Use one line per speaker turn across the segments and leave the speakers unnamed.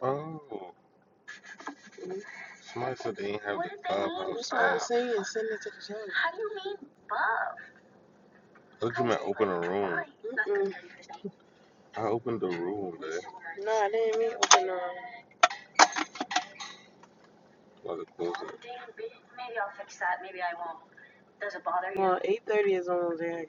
Oh, somebody said they ain't have the clubhouse was app. saying, send it to the church. Look at me open a room. I opened the room, man. No, I didn't mean. About to close it. 8:30 is almost there.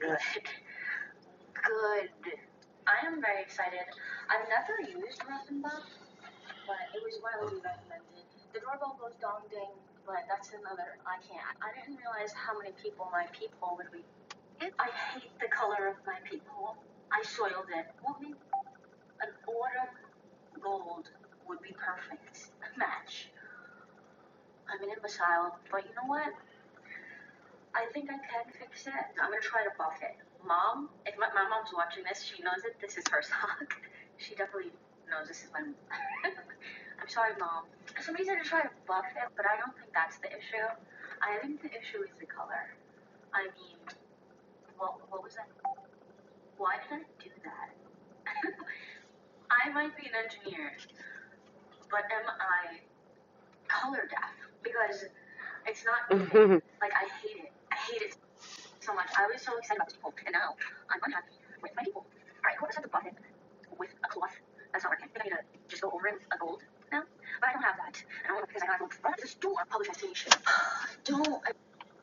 Mhm.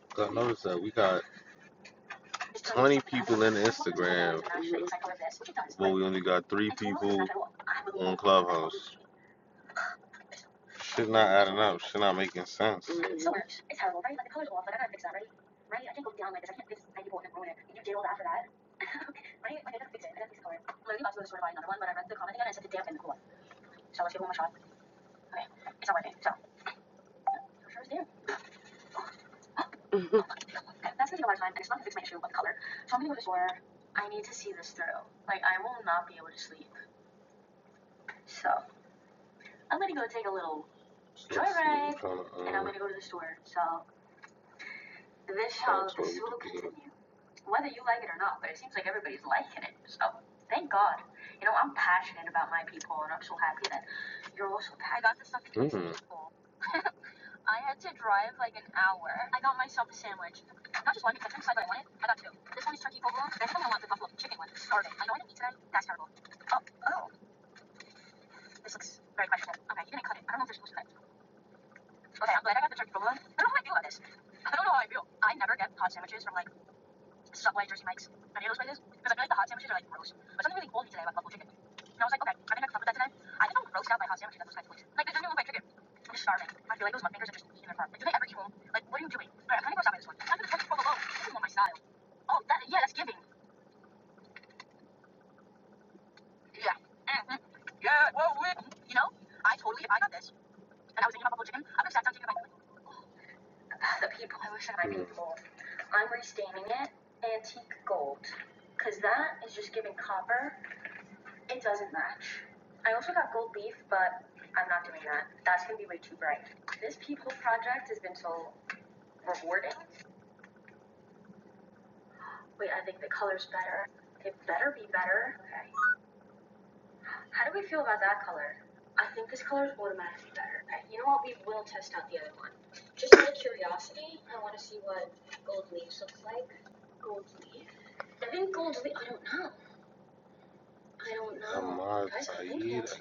'Cause I noticed that we got 20 people in Instagram, but we only got three people on Clubhouse. Shit not adding up. Shit not making sense. Mhm. So let's see, I'm gonna go to the store. So. Mm.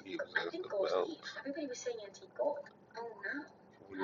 gave belt. We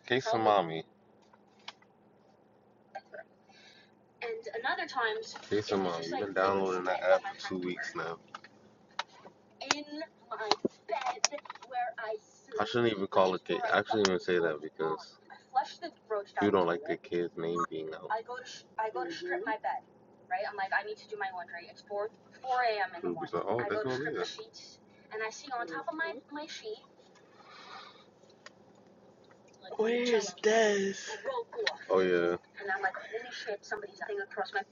Case Mommy. You've now. in my bed where I sleep. I shouldn't even call it that. I shouldn't even say that because you don't like the kid's name being out. I I go go to sh- I go to strip my bed, right? I'm like, I need to do my laundry. It's four a.m. in the morning. Like, oh, that's not me. Des, Oh yeah,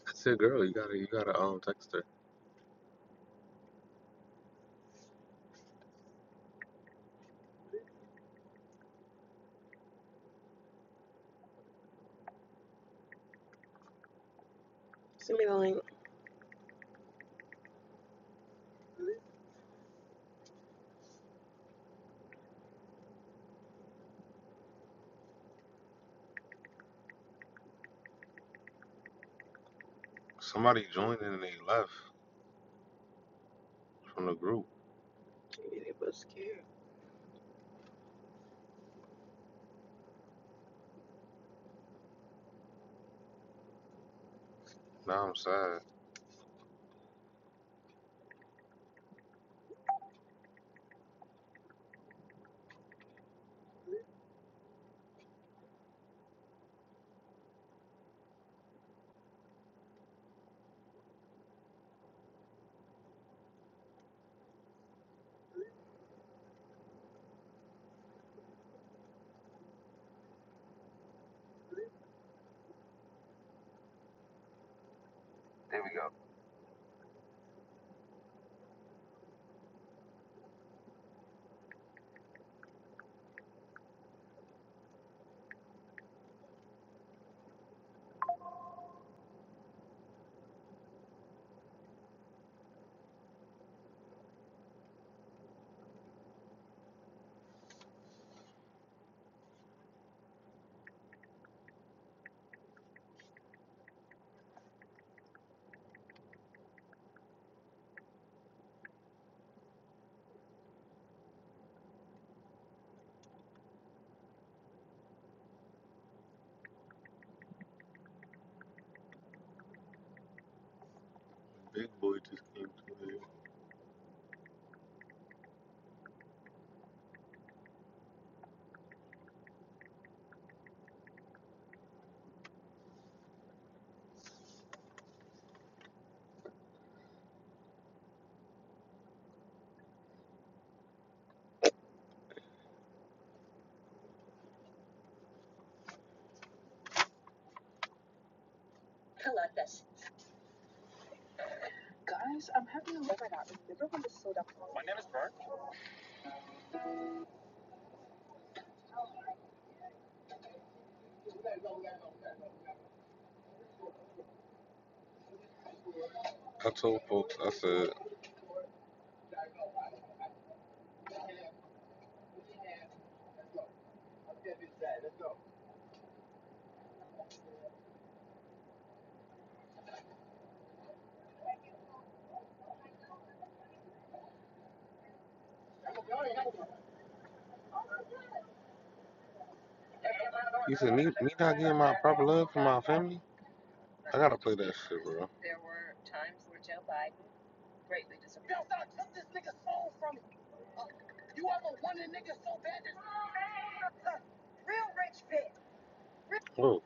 that's your girl. You gotta, you gotta um text her. send me the link. Somebody joined and they left from the group. Yeah, they both scared. Now I'm sad. Big boy just came to me. I told folks, I said, You said me, me not getting my proper love from my family? I gotta play that shit, bro. Whoa.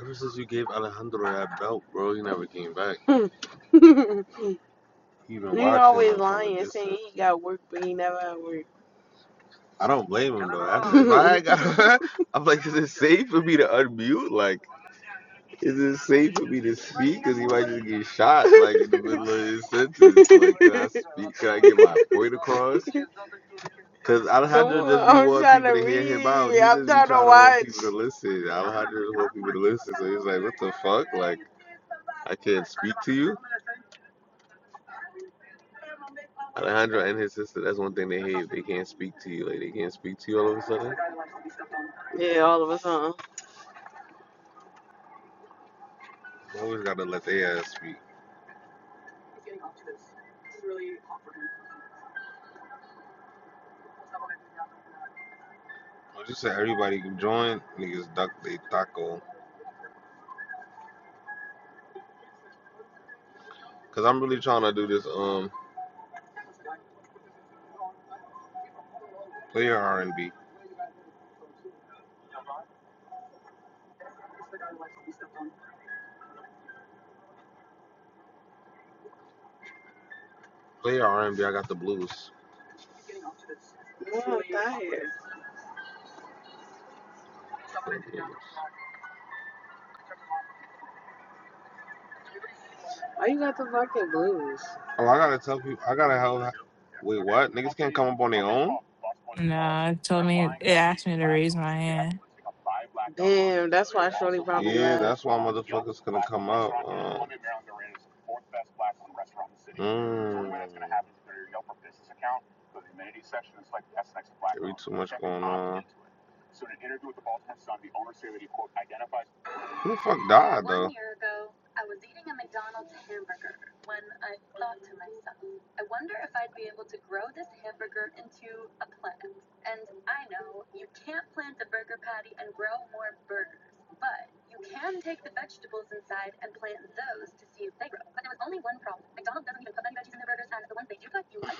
Ever since you gave Alejandro that belt, bro, he never came back. Nigga He been always lying, saying he got work, but he never had work. I don't blame him though. That's I got I'm like, is it safe for me to unmute? Like Is it safe for me to speak? Because he might just get shot, like in the middle of his sentence. Like, can I speak? Can I get my point across? Because Alejandro Someone, doesn't be I'm people to hear him out. He I'm just be trying to trying want people to listen. Alejandro just want people to listen. So he's like, what the fuck? Like, I can't speak to you? Alejandro and his sister, that's one thing they hate. They can't speak to you. Like, they can't speak to you all of a sudden. Yeah, all of a sudden. You Always gotta let their ass speak. I just said everybody can join. Niggas duck they taco. Cause I'm really trying to do this um player R and B. Player R and B. I got the blues. Why you got the fucking blues? Oh, I gotta tell people. I gotta help. Wait, what? Niggas can't come up on their own.
No, it
They're
told me
lying
it
about being
asked me to
black.
raise
on
my hand.
And Yeah, that's why motherfuckers gonna come up. Uh, mm. Be too much going on. Who the fuck died though? One year ago,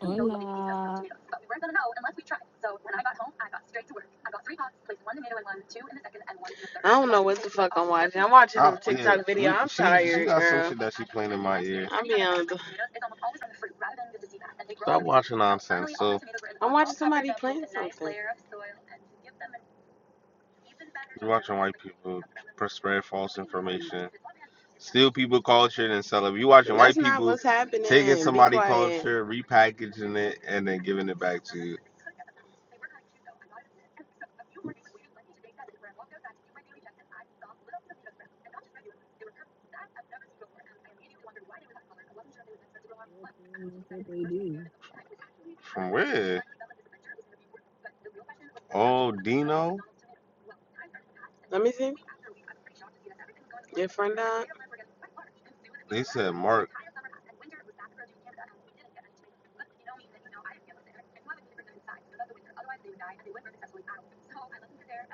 Hola.
I, she some nonsense. You're watching white people spread false information, steal people culture and sell it. You watching That's white not people what's taking Be somebody culture, repackaging it, and then giving it back to you.
What time? That's what they do.
From where? Oh, Dino. Let me see. Your friend died. They said Mark.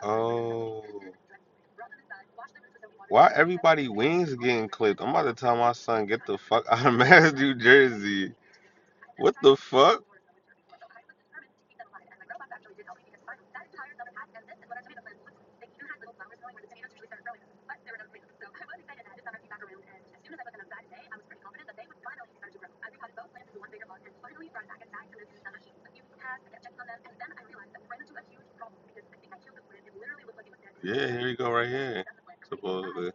Oh. Why everybody wings getting clipped? I'm about to tell my son get the fuck out of Mass New Jersey. What the fuck? Yeah, here you go, right here. Supposedly.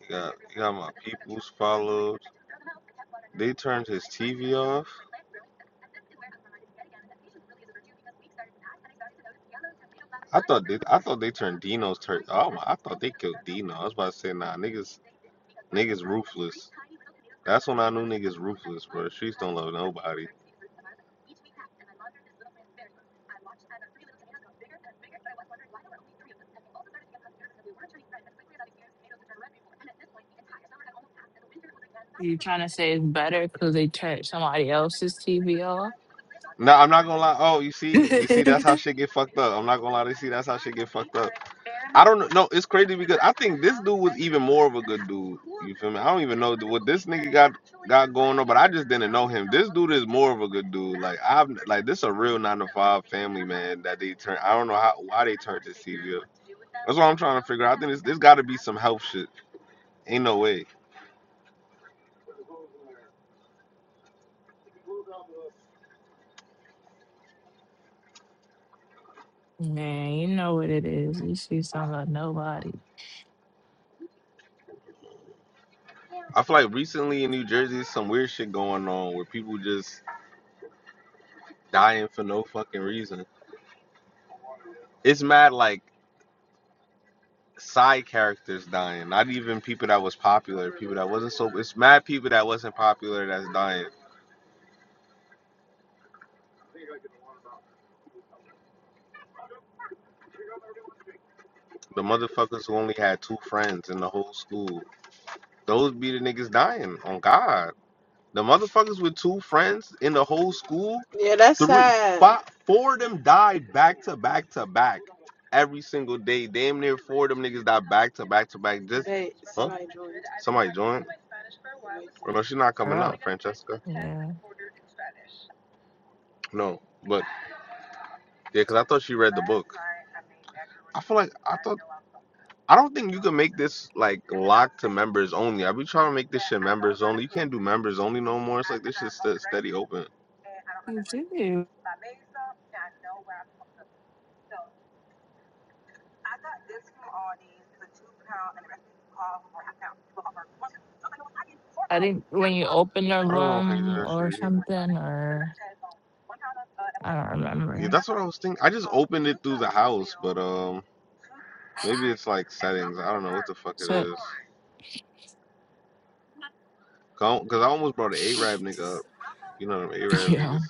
He got he got my people's followed. They turned his TV off. I thought they I thought they turned Dino's turn. Oh my! I thought they killed Dino. I was about to say nah, niggas niggas ruthless. That's when I knew niggas ruthless, bro. Streets don't love nobody.
You trying to say it's better because they turned somebody else's TV off?
No, I'm not gonna lie. Oh, you see, you see, that's how shit get fucked up. I'm not gonna lie you. See, that's how shit get fucked up. I don't know. No, it's crazy because I think this dude was even more of a good dude. You feel me? I don't even know what this nigga got got going on, but I just didn't know him. This dude is more of a good dude. Like I've like this a real nine to five family man that they turn. I don't know how why they turned this TV up. That's what I'm trying to figure out. I think this this got to be some health shit. Ain't no way.
Man, you know what it is. You see something like nobody.
I feel like recently in New Jersey, some weird shit going on where people just dying for no fucking reason. it's mad like side characters dying. Not even people that was popular, people that wasn't so. It's mad people that wasn't popular that's dying. The motherfuckers who only had two friends in the whole school. Those be the niggas dying on God. The motherfuckers with two friends in the whole school, Yeah, that's three, sad. five, four of them died back to back to back every single day. Damn near four of them niggas died back to back to back. Just Hey, huh? huh? Somebody joined. Well, no, she's not
You're
coming up,
up.
Francesca.
Yeah.
No, but yeah, because I thought she read the book. I feel like I thought I don't think you can make this like locked to members only. I be trying to make this shit members only. You can't do members only no more. It's like this shit's st- steady open.
You do. I think when you open the
I don't know if I can do
room
that
or
shit either.
something, or I don't
Yeah,
remember.
that's what I was thinking. I just opened it through the house, but um, maybe it's like settings. I don't know what the fuck it
So,
is. Because I almost brought an A Arab nigga up. You know them Arab
yeah.
niggas.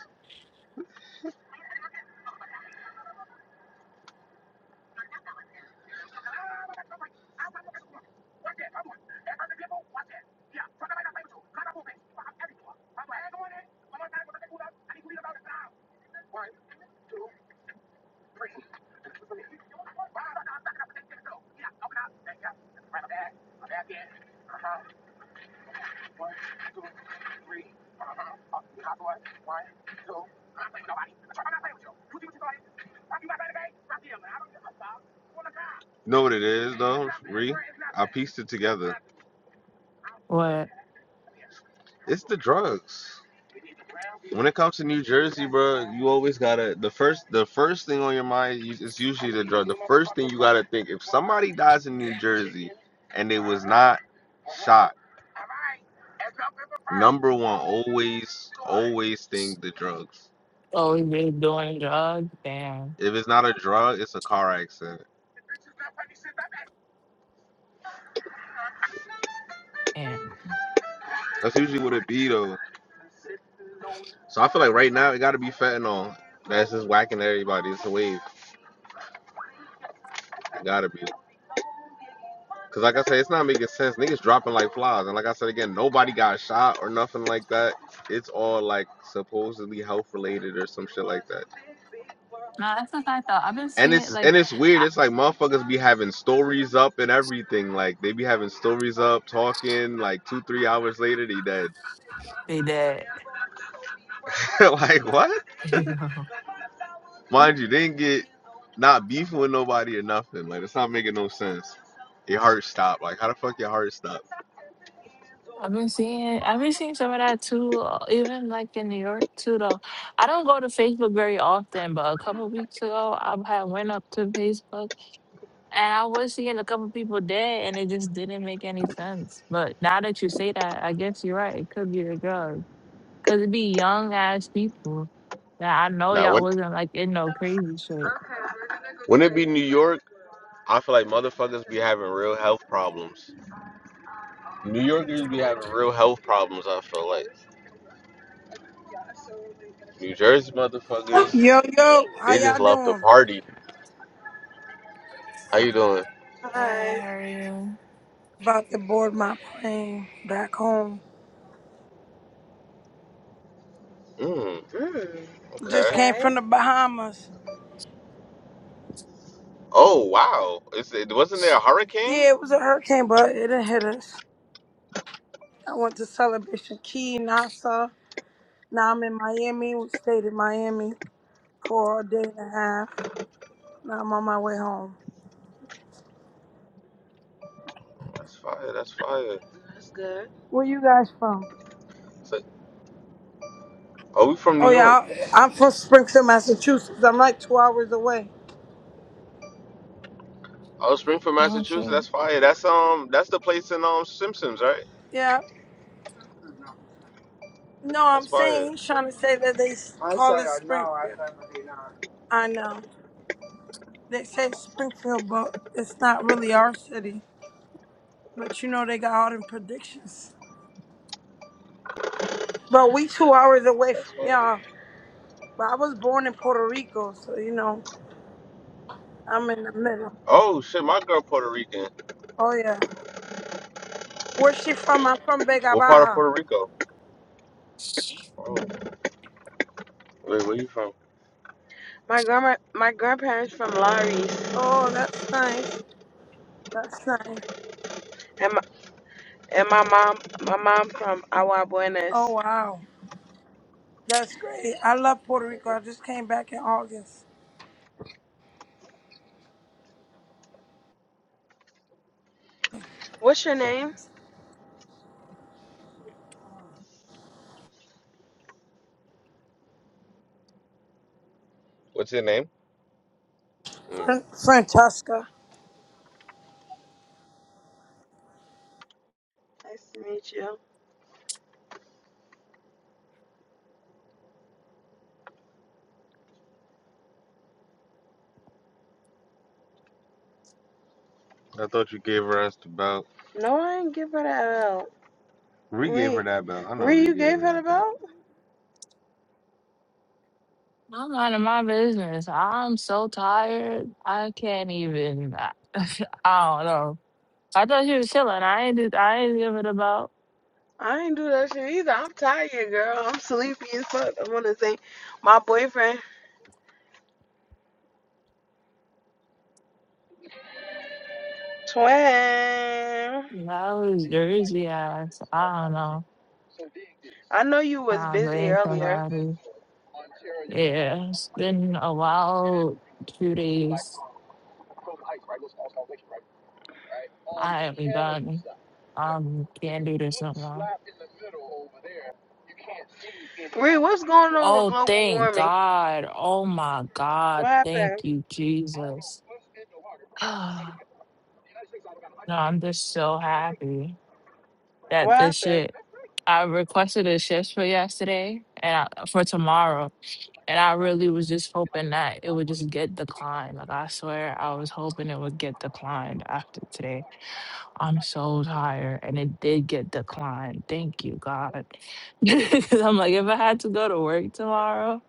You know what it is though, Ree? I pieced it together.
What?
It's the drugs. When it comes to New Jersey, bro, you always gotta the first the first thing on your mind is is usually the drug. The first thing you gotta think if somebody dies in New Jersey and they was not shot, number one always always think the drugs.
Oh, we been doing drugs? Damn.
If it's not a drug, it's a car accident.
Damn.
That's usually what it be though. So I feel like right now it gotta be fentanyl. That's just whacking everybody. It's a wave. It gotta be. Cause like I said, it's not making sense. Niggas dropping like flies, and like I said again, nobody got shot or nothing like that. It's all like supposedly health related or some shit like that.
No, that's what I thought. I've been
And
seeing
it's
like
and it's weird.
I
It's like motherfuckers be having stories up and everything. Like they be having stories up, talking like two three hours later they dead.
say that.
like what?
You know.
Mind you, they didn't get not beefing with nobody or nothing. Like it's not making no sense. Your heart stopped. Like how the fuck your heart stopped?
I've been seeing I've been seeing some of that too, uh, even like in New York too though. I don't go to Facebook very often, but a couple weeks ago I had went up to Facebook and I was seeing a couple people dead and it just didn't make any sense. But now that you say that, I guess you're right. It could be the drug. Cause it'd be young ass people that I know
Now
y'all
when
wasn't like in no crazy shit.
when it be New York. I feel like motherfuckers be having real health problems. New Yorkers be having real health problems. I feel like New Jersey motherfuckers,
Yo, yo, how
they just
y'all
love to
doing?
party. How you doing? Hi.
Hey, how are you?
About to board my plane back home.
Mm, Mm.
Just came
okay. Okay.
from the Bahamas.
Oh wow! It's, it wasn't there a hurricane?
Yeah, it was a hurricane, but it didn't hit us. I went to Celebration Key, Nassau. Now I'm in Miami. We stayed in Miami for a day and a half. Now I'm on my way home.
Oh, That's fire. That's fire. That's good.
Where you guys from?
So, are we from New
Oh, yeah,
York?
I- I'm from Springfield, Massachusetts. I'm like two hours away.
Oh, Springfield,
Yeah,
Massachusetts.
sure.
That's fire. That's um, that's the place in um Simpsons, right?
Yeah. No, I'm
That's fire.
saying he's trying to say that they s- I call it Springfield. I know. They say Springfield, but it's not really our city. But you know, they got all them predictions. But we two hours away
That's
from
fire.
y'all. But I was born in Puerto Rico, so you know, I'm in the middle.
Oh shit, my girl Puerto Rican.
Oh yeah. Where's she from? I'm from Vega
What part of
Baja.
Puerto Rico? Oh, Wait, where you from? My grandma, my grandparents from Lares,
Oh, that's nice. That's nice.
and my, and my mom, my mom from Agua
Oh
Buenas.
wow. That's great. I love Puerto Rico.
Mhm.
I just came back in August.
What's your name? What's your name? Mm.
Fran- Francesca.
Nice to meet you. I thought you gave her us the belt. No, I ain't give her that belt. We gave her Wait, that belt. I know Ree, we you gave gave her her the that belt. belt?
I'm out of my business. I'm so tired. I can't even. I, I don't know. I thought she was chilling. I ain't. did- I ain't give it about.
I ain't do that shit either. I'm tired, girl. I'm sleepy as fuck. I wanna say, my boyfriend, twin.
I was Jersey ass. I don't know.
I know you was
I
busy.
blame somebody. Yeah, it's been a wild two days. I am done. Um, can't do this no more. Oh,
Global
thank
warming.
God. Oh my
What
God. Thank
happened?
you, Jesus. no, I'm just so happy that
What
this
happened?
shit I requested a shift for yesterday and I, for tomorrow, and I really was just hoping that it would just get declined. Like I swear, I was hoping it would get declined after today. I'm so tired, and it did get declined. Thank you, God. 'Cause I'm like, if I had to go to work tomorrow,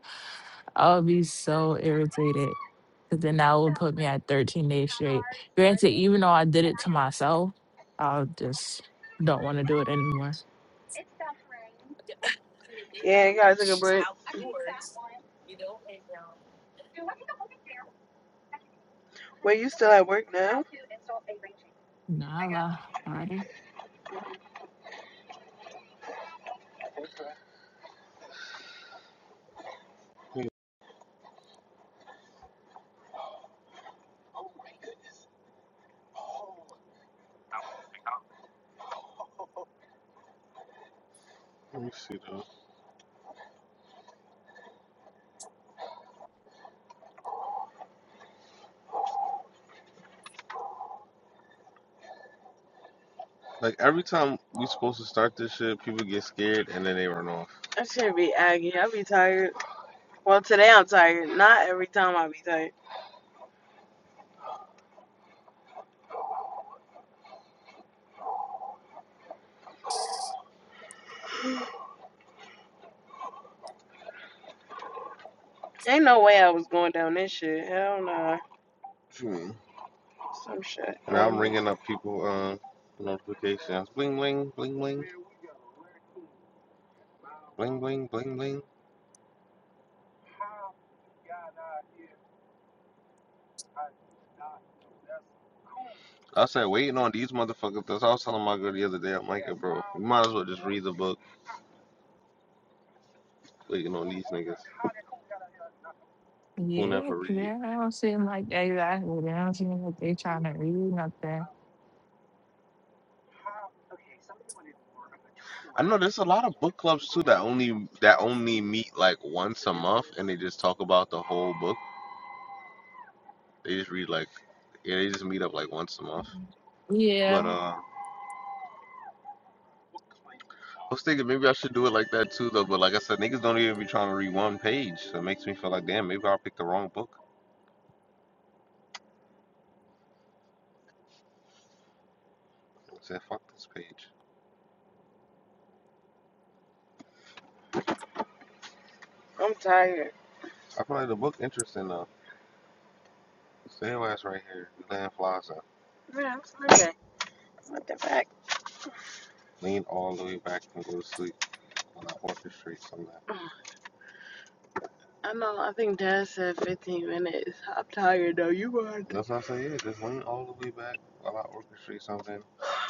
I would be so irritated. Cause then that would put me at 13 days straight. Granted, even though I did it to myself, I just don't want to do it anymore.
Yeah, I gotta take a break. Wait, you still at work now?
Nah, lah, already.
Let me see though. Like every time we supposed to start this shit, people get scared and then they run off. I should not be aggy. I be tired. Well, today I'm tired. Not every time I be tired. Ain't no way I was going down this shit. Hell nah. What you mean? Some shit. And I'm ringing up people um notifications. Bling bling bling bling bling bling bling bling. I said waiting on these motherfuckers. That's what I was telling my girl the other day. I'm like, bro, you might as well just read the book. Waiting on these niggas who
Yeah,
never
'cause
read.
they don't seem like they exactly. They don't seem like they trying to read nothing.
I know there's a lot of book clubs too that only that only meet like once a month and they just talk about the whole book. They just read like yeah, they just meet up like once a month.
Yeah,
But uh I was thinking maybe I should do it like that too though, but like I said, niggas don't even be trying to read one page. So it makes me feel like damn maybe I picked the wrong book. I said fuck this page. I'm tired. I feel like the book interesting though. Stay your ass right here. You laying flies up. Man, I'm sleepy. What the fuck? Lean all the way back and go to sleep when I orchestrate something. I know. I think Dad said 15 minutes. I'm tired though. You are That's what I say. Yeah, just lean all the way back while I orchestrate something. I'm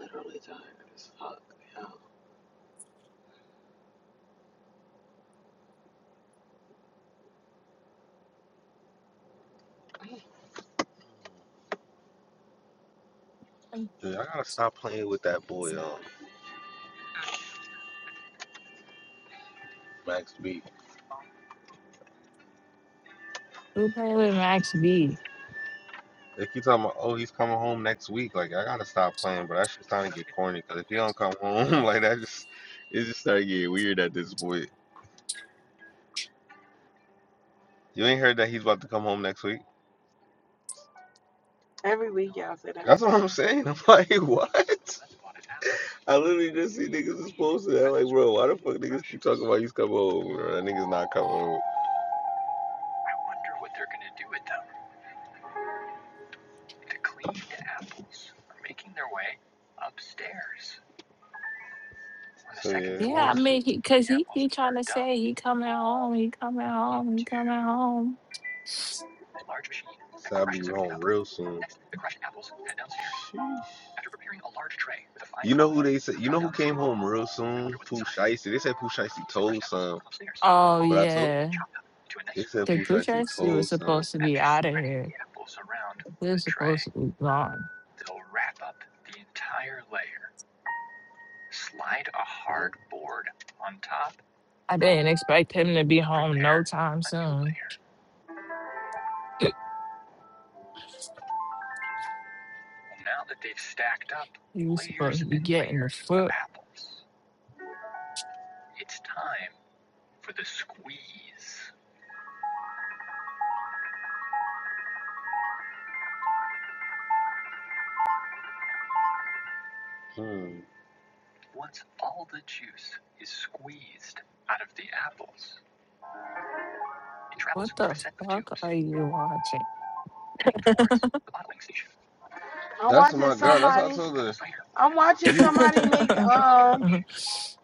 literally tired as fuck. yo. Dude, I gotta stop playing with that boy, um, Max B.
we play with Max B.
They keep talking about, oh, he's coming home next week. Like, I gotta stop playing, but that shit's starting to get corny. Cause if he don't come home, like that, just it just started getting weird at this point. You ain't heard that he's about to come home next week? Every week y'all say that. That's what I'm saying. I'm like, what? I literally just see niggas is posted. that. I'm like, bro, why the fuck niggas keep talking about he's coming home? That nigga's not coming home. So yeah,
Yeah,
we'll
I
see.
mean, he, cause he he trying to say he coming home, he coming home, he coming home.
So I'll be home real soon. Sheesh. You know who they said? You know who came home real soon? Pooh Shiesty. They said Pooh Shiesty told some,
Oh
but I told.
yeah,
They said
cause
Pooh Shiesty
Bucci was
told some.
supposed to be out of here. He was supposed to be gone. I didn't expect him to be home no time soon. You supposed to be getting the foot.
Hmm.
What the fuck are you watching?
I'm That's watching my God. That's how I somebody. told her. I'm watching You somebody make. Um,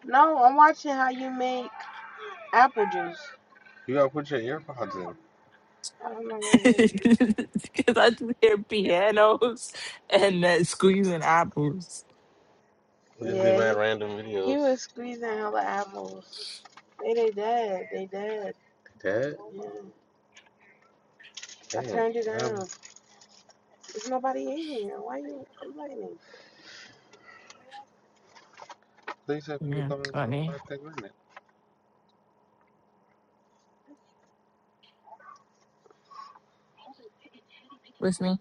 no, I'm watching how you make apple juice. you gotta put your earpods in. I don't know where it is.
Because I just hear pianos and uh, squeezing apples.
You just be Yeah, mad he random he videos. was squeezing hella apples. They they dead. They dead. Dad, Yeah. I damn, turned it damn. down. um, There's nobody in here. Why you complaining? They said people
Yeah,
coming out by
funny.
that minute.
With me?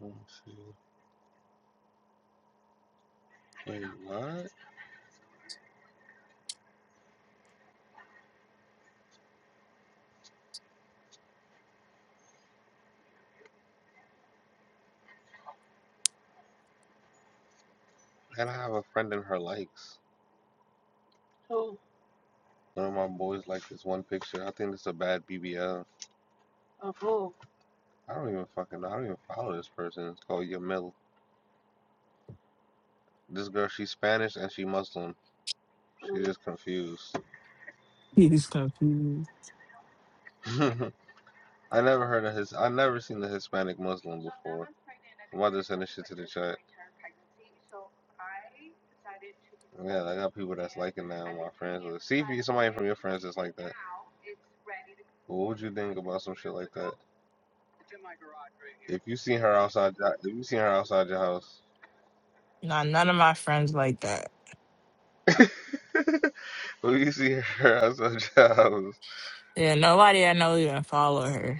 Let me see. Wait, what? Gotta have a friend in her likes. Who? One of my boys liked this one picture. I think it's a bad BBL. Of who? I don't even fucking know. I don't even follow this person. It's called Yamil. This girl, she's Spanish and she Muslim. She's just confused.
He's confused.
I never heard of his. I never seen the Hispanic Muslim before. My mother sent this shit to the chat. Yeah, I got people that's liking that. on My friends, with. see if you somebody from your friends that's like that. What would you think about some shit like that? If you seen her outside, if you seen her outside your house,
Nah, none of my friends like that.
when you see her outside your house,
Yeah, nobody I know even follow her.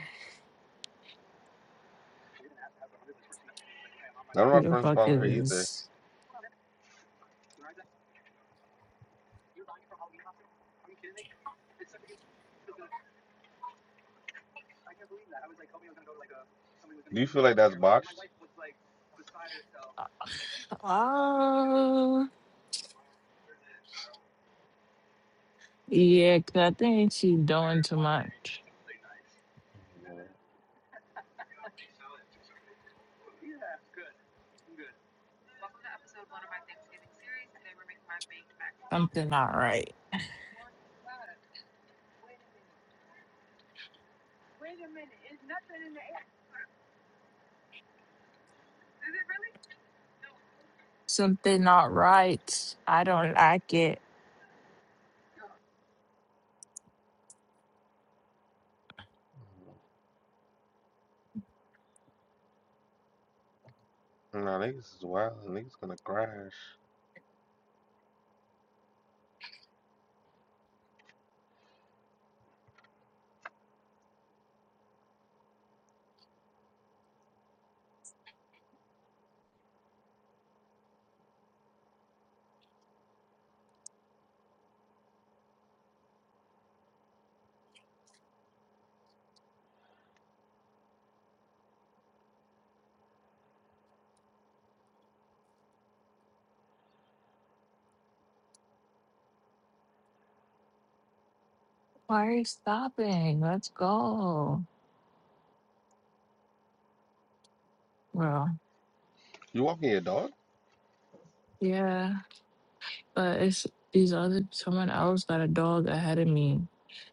none of my
Who the
friends
fuck
follow
is
her either.
this?
Do you feel like that's botched?
Oh, yeah, because I think she's doing too much.
like,
Something not right. Something not right. I don't like it.
No, niggas is wild. Niggas gonna crash.
Why are you stopping? Let's go. Well,
You walking your dog?
yeah, but it's these other someone else got a dog ahead of me,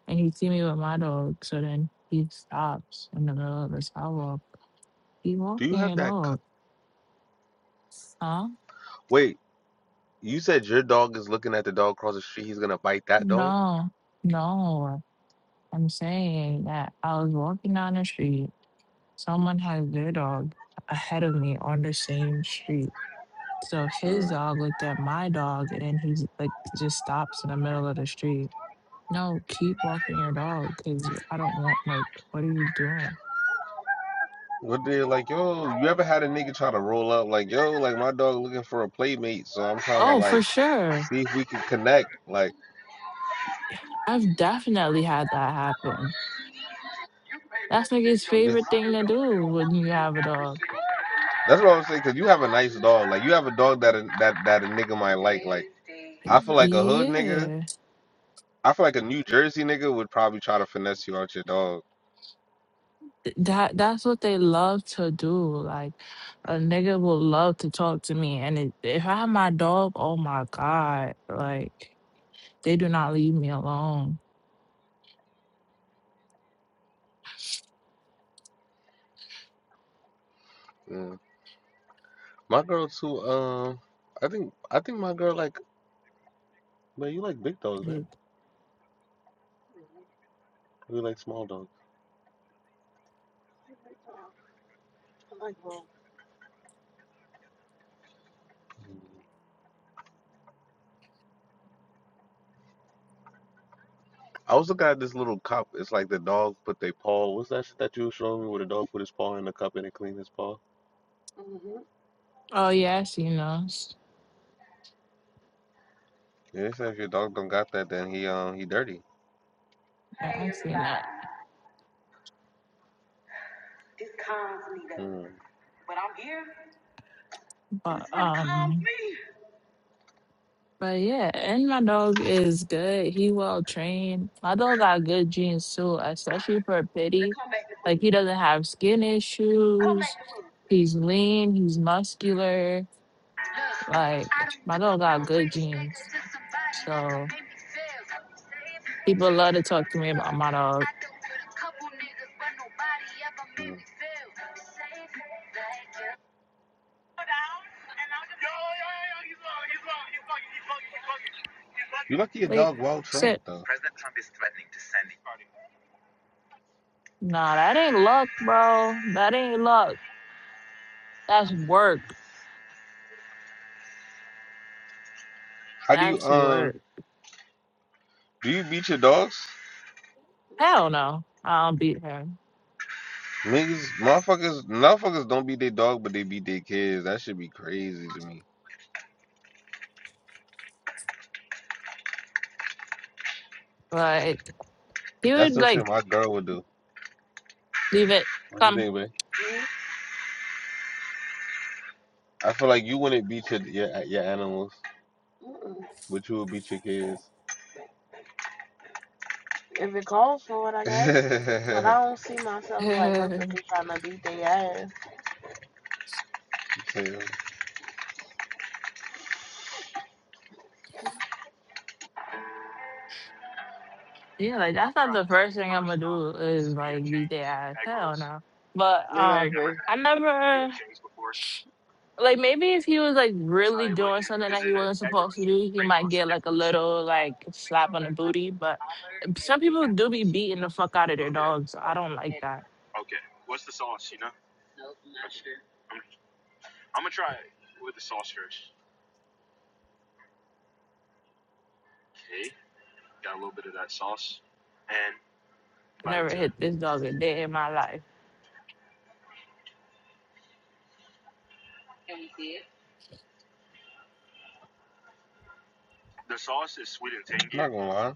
and he see me with my dog, so then he stops in the middle of the sidewalk. He
Do you
walking
have
your
that? c
dog, huh?
Wait, you said your dog is looking at the dog across the street. He's gonna bite that dog.
No, no. I'm saying that I was walking down the street. Someone has their dog ahead of me on the same street. So his
Hmm.
dog looked at my dog and he's like just stops in the middle of the street. No, keep walking your dog because I don't want like what are you doing?
What they like, yo? You ever had a nigga try to roll up like, yo, like my dog looking for a playmate, so I'm trying to
Oh,
like.
for sure.
see if we can connect. Like,
I've definitely had that happen. That's like his
because-
favorite thing to do when you have a dog.
that's what I was saying. Cause you have a nice dog. Like, you have a dog that a, that that a nigga might like. Like, I feel like a hood nigga.
Yeah.
I feel like a New Jersey nigga would probably try to finesse you out your dog.
That that's what they love to do. Like a nigga will love to talk to me. And it, if I have my dog, oh my God, like they do not leave me alone.
Mm. My girl too. Um, I think I think my girl like. Man, you like big dogs, right? Or You like small dogs. I like both. I was looking at this little cup. It's like the dog put their paw. What's that shit that you was showing me where the dog put his paw in the cup and it cleaned his paw? Mm-hmm.
Oh yeah, I seen
Yeah, they said if your dog don't got that, then he um he dirty.
Yeah, I've seen that.
Mm.
But um but yeah, and my dog is good. He well trained. My dog got good genes too, especially for pity. Like he doesn't have skin issues. He's lean, he's muscular. Like my dog got good genes. So people love to talk to me about my dog.
Mm. You lucky your
Wait,
dog well trained
sit.
though. President Trump is threatening to send it.
Nah, that ain't luck, bro. That ain't luck. That's work.
How do you
That's
um
work.
do you beat your dogs?
Hell no. I'll beat her.
Niggas motherfuckers motherfuckers don't beat their dog but they beat their kids. That should be crazy to me.
Like he
That's
would
some
like
shit my girl would do.
leave it
What do you
some
think, babe? I feel like you wouldn't beat your your, your animals, but you would beat your kids. If it calls for it, I guess. But I don't see myself like
Yeah,
purposely trying to beat their ass. they
like that's not the first thing I'm gonna do is like beat their ass. Hell no. But
like,
um I never like maybe if he was like really doing something that he wasn't supposed to do, he might get like a little like slap on the booty. But some people do be beating the fuck out of their dogs. So I don't like that. I never hit this dog a day in my life.
I'm Not gonna lie.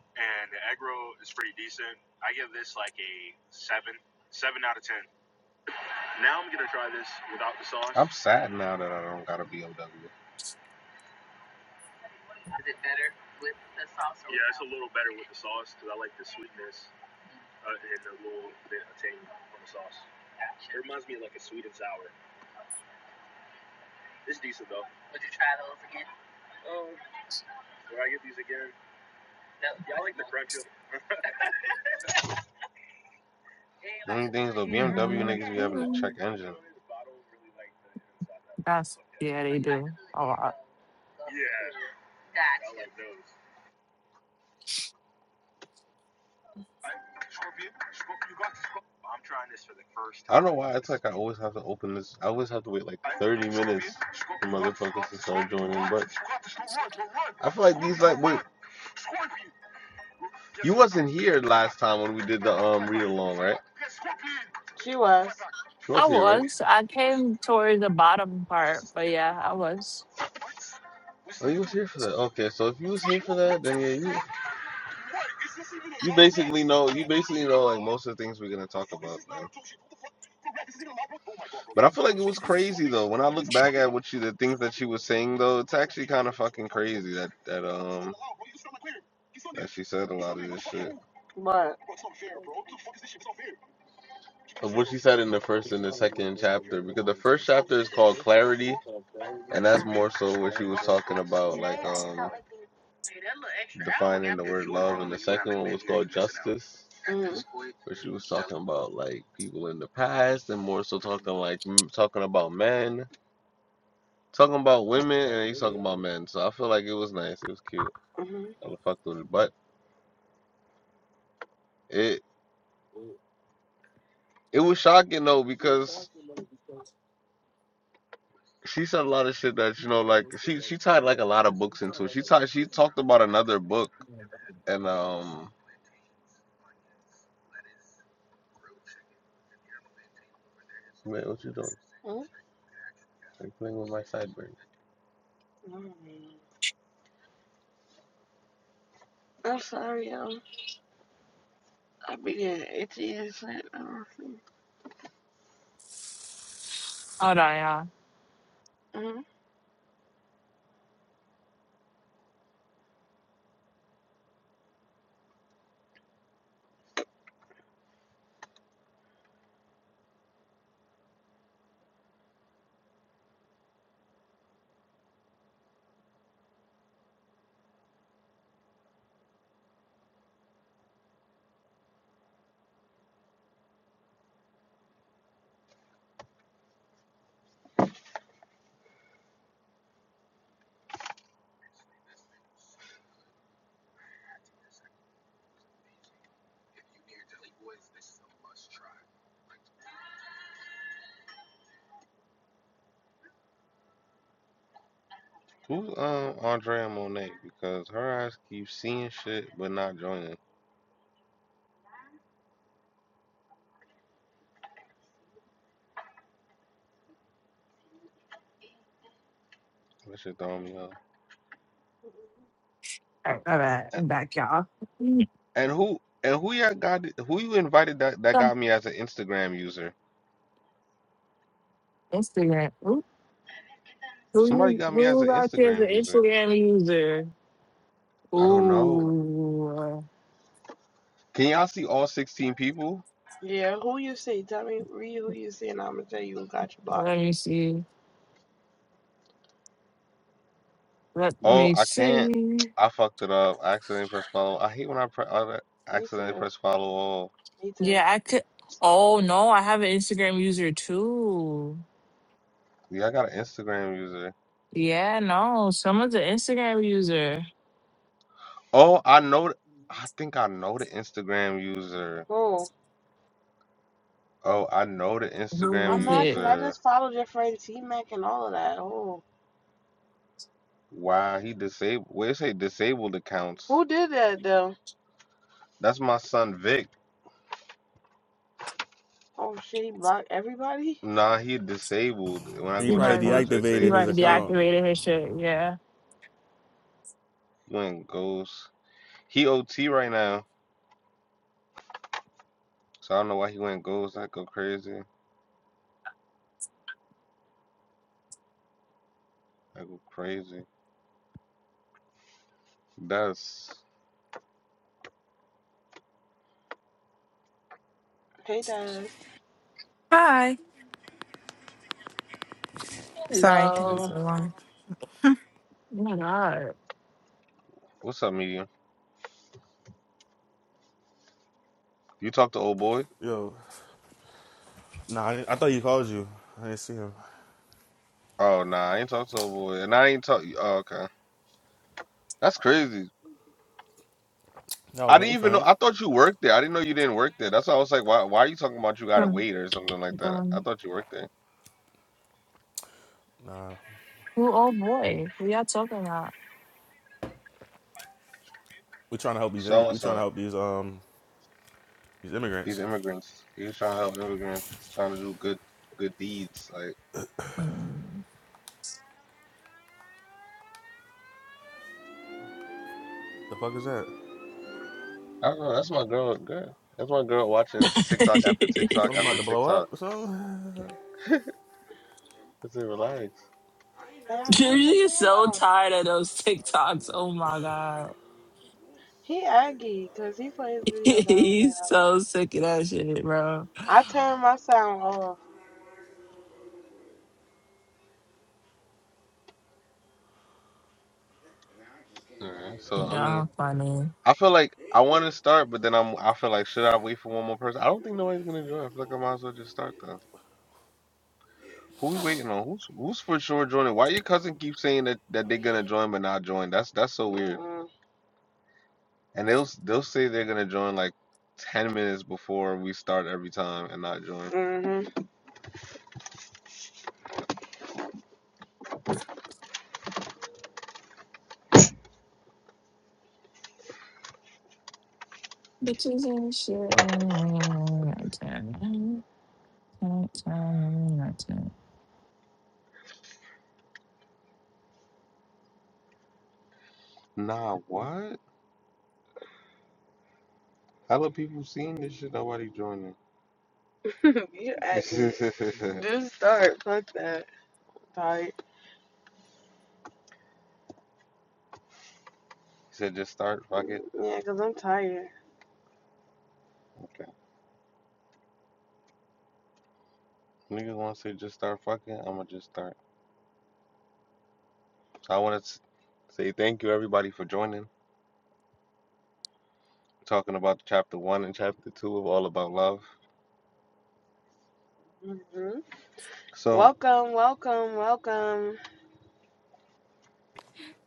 I'm sad now that I don't got a BMW. The only thing is, the BMW niggas be having to check engine.
That's yeah, they do a lot.
I don't know why it's like I always have to open this. I always have to wait like 30 minutes for motherfuckers to start joining. But I feel like these like wait, you wasn't here last time when we did the um read along, right? She was. She
I
was here, right?
was. I came toward the bottom part, but yeah, I was.
Oh, you was here for that. Okay, so if you was here for that, then yeah, you you basically know you basically know like most of the things we're gonna talk about. man. But I feel like it was crazy though. When I look back at what she, the things that she was saying though, it's actually kind of fucking crazy that that um that she said a lot of this shit What? of what she said in the first and the second chapter because the first chapter is called clarity and that's more so what she was talking about like um defining the word love and the second one was called justice mm, where she was talking about like people in the past and more so talking like m- talking about men talking about women and he's talking about men. So I feel like it was nice. It was cute. hmm I fucked with it, but it it was shocking though because she said a lot of shit that you know like she she tied like a lot of books into it. She tied she talked about another book and um wait what you doing? hmm Are you playing with my sideburns. Mm. I'm sorry, um, I be getting itchy and shit.
Hold on, y'all.
Mm-hmm. Who's um Andrea Monet? Because her eyes keep seeing shit but not joining. That shit throwing me off.
All right, all right, I'm back, y'all.
And who and who y'all got who you invited that that
Some
got me as an Instagram user?
Instagram. Ooh, who
Somebody
you-
got me as an
who out there is an
Instagram user.
Instagram user?
I don't know.
Ooh,
Can y'all see all 16 people? Yeah, who you see? Tell me, read who you see, and I'm gonna tell you who got you blocked.
let me see. Let
Oh,
me
I can't.
see.
I fucked it up. I accidentally pressed follow. I hate when I, pre- I Me accidentally too. press follow all. Me too.
Yeah, I could. Oh no, I have an Instagram user too.
Yeah, I got an Instagram user.
Yeah, no, someone's an Instagram user.
Oh, I know. th- I think I know the Instagram user. Who? Oh, I know the
Who
Instagram I'm
is
not,
it?
because I user. just followed your friend T Mac and all of that. Oh. Why he disabled? Well, it say disabled accounts. Who did that, though? That's my son Vic. Oh, shit, he blocked everybody? Nah, he disabled. When I
He
He
go
probably
check on
probably.
him, it say
He
deactivated
he
his
probably
account.
disabled.
deactivated his shit. Yeah.
He went ghost. He OT right now, so I don't know why he went ghost. I go crazy. I go crazy. That's Hey, Daz.
Hi. Sorry, it took
Hey.
so
Hello.
long.
Oh my God.
what's up, medium. You talk to old boy?
Yo, nah, I, I thought he called you. I didn't see him.
Oh nah, I ain't talked to a boy, and I ain't talk. Oh, okay, that's crazy.
I was
I didn't
waiting
even
for
know.
him.
I thought you worked there. I didn't know you didn't work there. That's why I was like, why? Why are you talking about you gotta
Um,
wait or something like that? I
um,
thought you worked there.
who old boy? We are talking about.
We trying to help these. Im-
So
we
and
trying to
so,
help these um these
these
immigrants.
immigrants. He was trying to help immigrants, trying to do good, good deeds. Like
Mm.
The fuck is that?
I don't know. That's my girl. Good. That's my girl watching TikTok after TikTok
Something about
after
to blow
TikTok.
up or something?
It's a relax. Hey, I
Jersey
turned the
is
sound
so
off.
tired of those TikToks. Oh my God.
He aggy because he plays videos I don't play.
He's
that
so sick of that shit, bro.
I turned my sound off. Yeah. So I mean.
Y'all funny.
I feel like I want to start, but then I'm. I feel like should I wait for one more person? I don't think nobody's gonna join. I feel like I might as well just start though. Who we waiting on? Who's who's for sure joining? Why your cousin keep saying that, that they're gonna join but not join? That's that's so weird. Mm. And they'll they'll say they're gonna join like ten minutes before we start every time and not join. hmm
Bitches and shit. and-
Nah, what? Hella people seeing this shit. Nobody joining. you acting. just start. Fuck that. Tired. He said just start. Fuck it. Yeah, cause I'm tired. Okay. Niggas once they just start fucking, I'ma just start. So I wanna say thank you everybody for joining. Talking about chapter one and chapter two of All About Love. hmm So Welcome, welcome, welcome.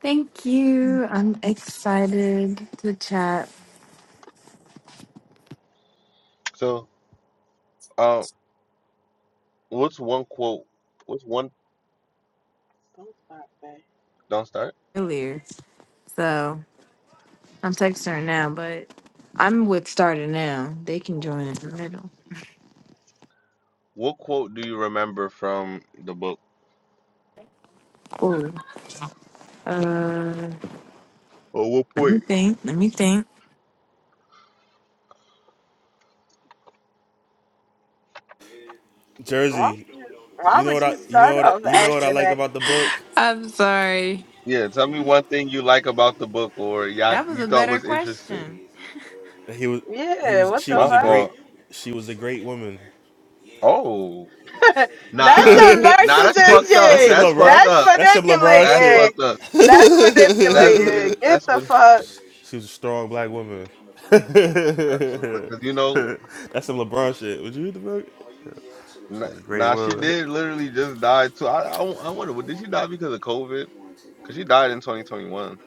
Thank you. I'm excited to chat
so uh what's one quote what's one Don't start, babe. don't start?
earlier. So I'm texting her now, but I'm with Starter now. They can join in the middle.
What quote do you remember from the book?
Ooh. Uh,
Or what
let me
point?
think. Let me think.
Why
Jersey.
would you? Why
You know
would
what I?
you
You know
start
what? I,
off
you know what I
asking
like
back?
about the book?
I'm sorry.
Yeah, tell me one thing you like about the book or you
That was
you
a
thought
better
was interesting.
question.
He was. He
Yeah,
was.
what
She
the My
was a
fuck? fault.
great. She was a great woman.
Oh, Nah. that's nah, nah, that's narcissist fucked up.
That's
shit.
some
That's fucked That's
LeBron.
up.
That's some
That's
LeBron
manipulating.
shit.
fucked up. That's That's what. manipulating. weird. Get That's the what. fuck.
She was a strong black woman.
That's fucked up. Because you know,
That's some LeBron shit. Would you read the book?
nah,
She was a Great
nah, she
woman.
did literally just die too. I, I, I wonder, did she die because of COVID? Because she died in 2021.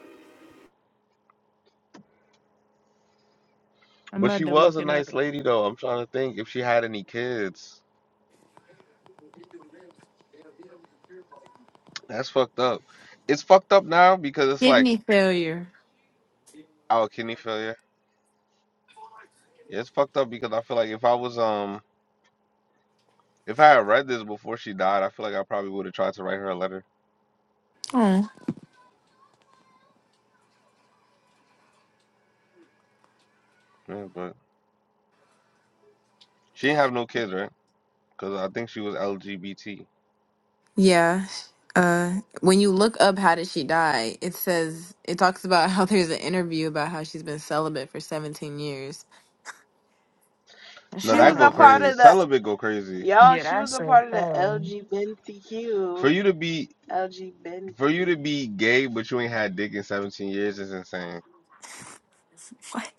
I'm
But she
about to look
was a
it
nice
up.
lady, though. I'm trying to think if she had any kids. That's fucked up. It's fucked up now because it's like
Kidney failure.
our kidney failure. Yeah, it's fucked up because I feel like if I was um If I had read this before she died, I feel like I probably would have tried to write her a letter. Yeah, but she didn't have no kids, right? Because I think she was LGBT. No,
Yeah. Uh, when you look up how did she die, it says it talks about how there's an interview about how she's been celibate for 17 years.
She
That's not
that
what
was
I
go a part crazy.
read.
of the Celibate go crazy. y'all.
Yeah,
She was
that's
a
a
part of the
fail.
LGBTQ. For you to be, LGBTQ, for you to be gay, but you ain't had dick in 17 years is insane.
What?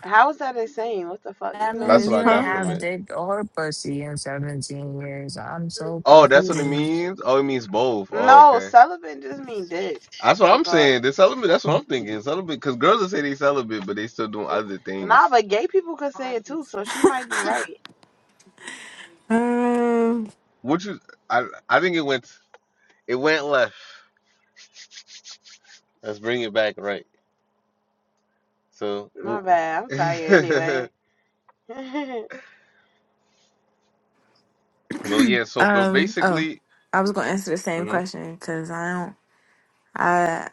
How is that insane? What the fuck? You
That
know That's
means
what
you
I
didn't
got
Huh?
from
have
it.
dick or pussy in 17 years. I'm so
Oh, that's what it
confused.
means. Oh, it means both. Oh, No, okay. celibate just mean dick. That's what I am thought. saying. The celibate. That's what I'm thinking. Celibate, because girls that say they celibate, but they still doing other Nah, things. but gay people could say it too, so she might be right.
Um.
Which is, I, I think it went, it went left. Let's bring it back right. So, My bad. I'm tired anyway. but yeah. So, but
um. Oh,
basically,
I was gonna answer the same
mhm.
question because I don't. I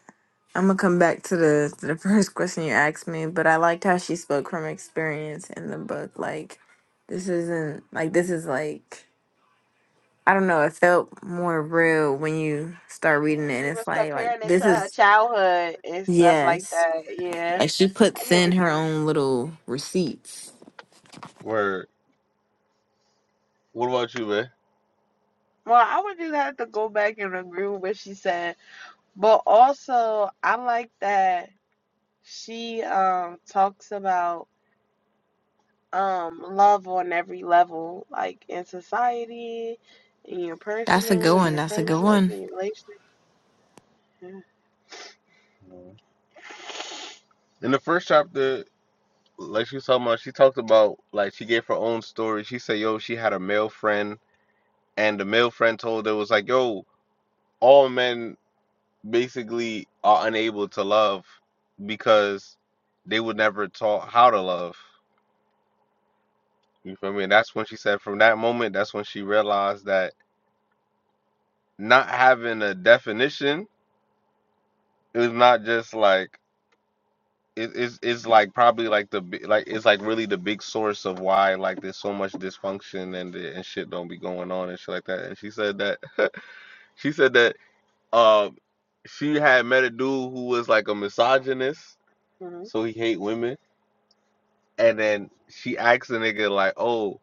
I'm gonna come back to the to the first question you asked me, but I liked how she spoke from experience in the book. Like, this isn't like this is like I don't know. It felt more real when you start reading it, and
she
it's
was
like, like
comparing it
this
to her
is
childhood and stuff like
yes.
that. Yeah,
Like she
I
puts
get
in
what you
her
mean.
own little receipts.
word. What about you, man? Well, I would just have to go back and agree with what she said. But also, I like that she um talks about um love on every level, like in society, in your
That's a good
personal, in
one.
your
That's a good
friendships,
one.
in your relationships. Yeah. In the first chapter, like she was talking about, she talked about like she gave her own story. She said, "Yo, she had a male friend, and the male friend told her was like, yo, all men." basically are unable to love because they were never taught how to love. You feel me? And that's when she said from that moment, that's when she realized that not having a definition is not just like it, it's it's like probably like the bi- like it's like really the big source of why like there's so much dysfunction and and shit don't be going on and shit like that. And she said that she said that um she had met a dude who was like a misogynist, Mhm. so he hate women and then she asks the nigga like, "Oh,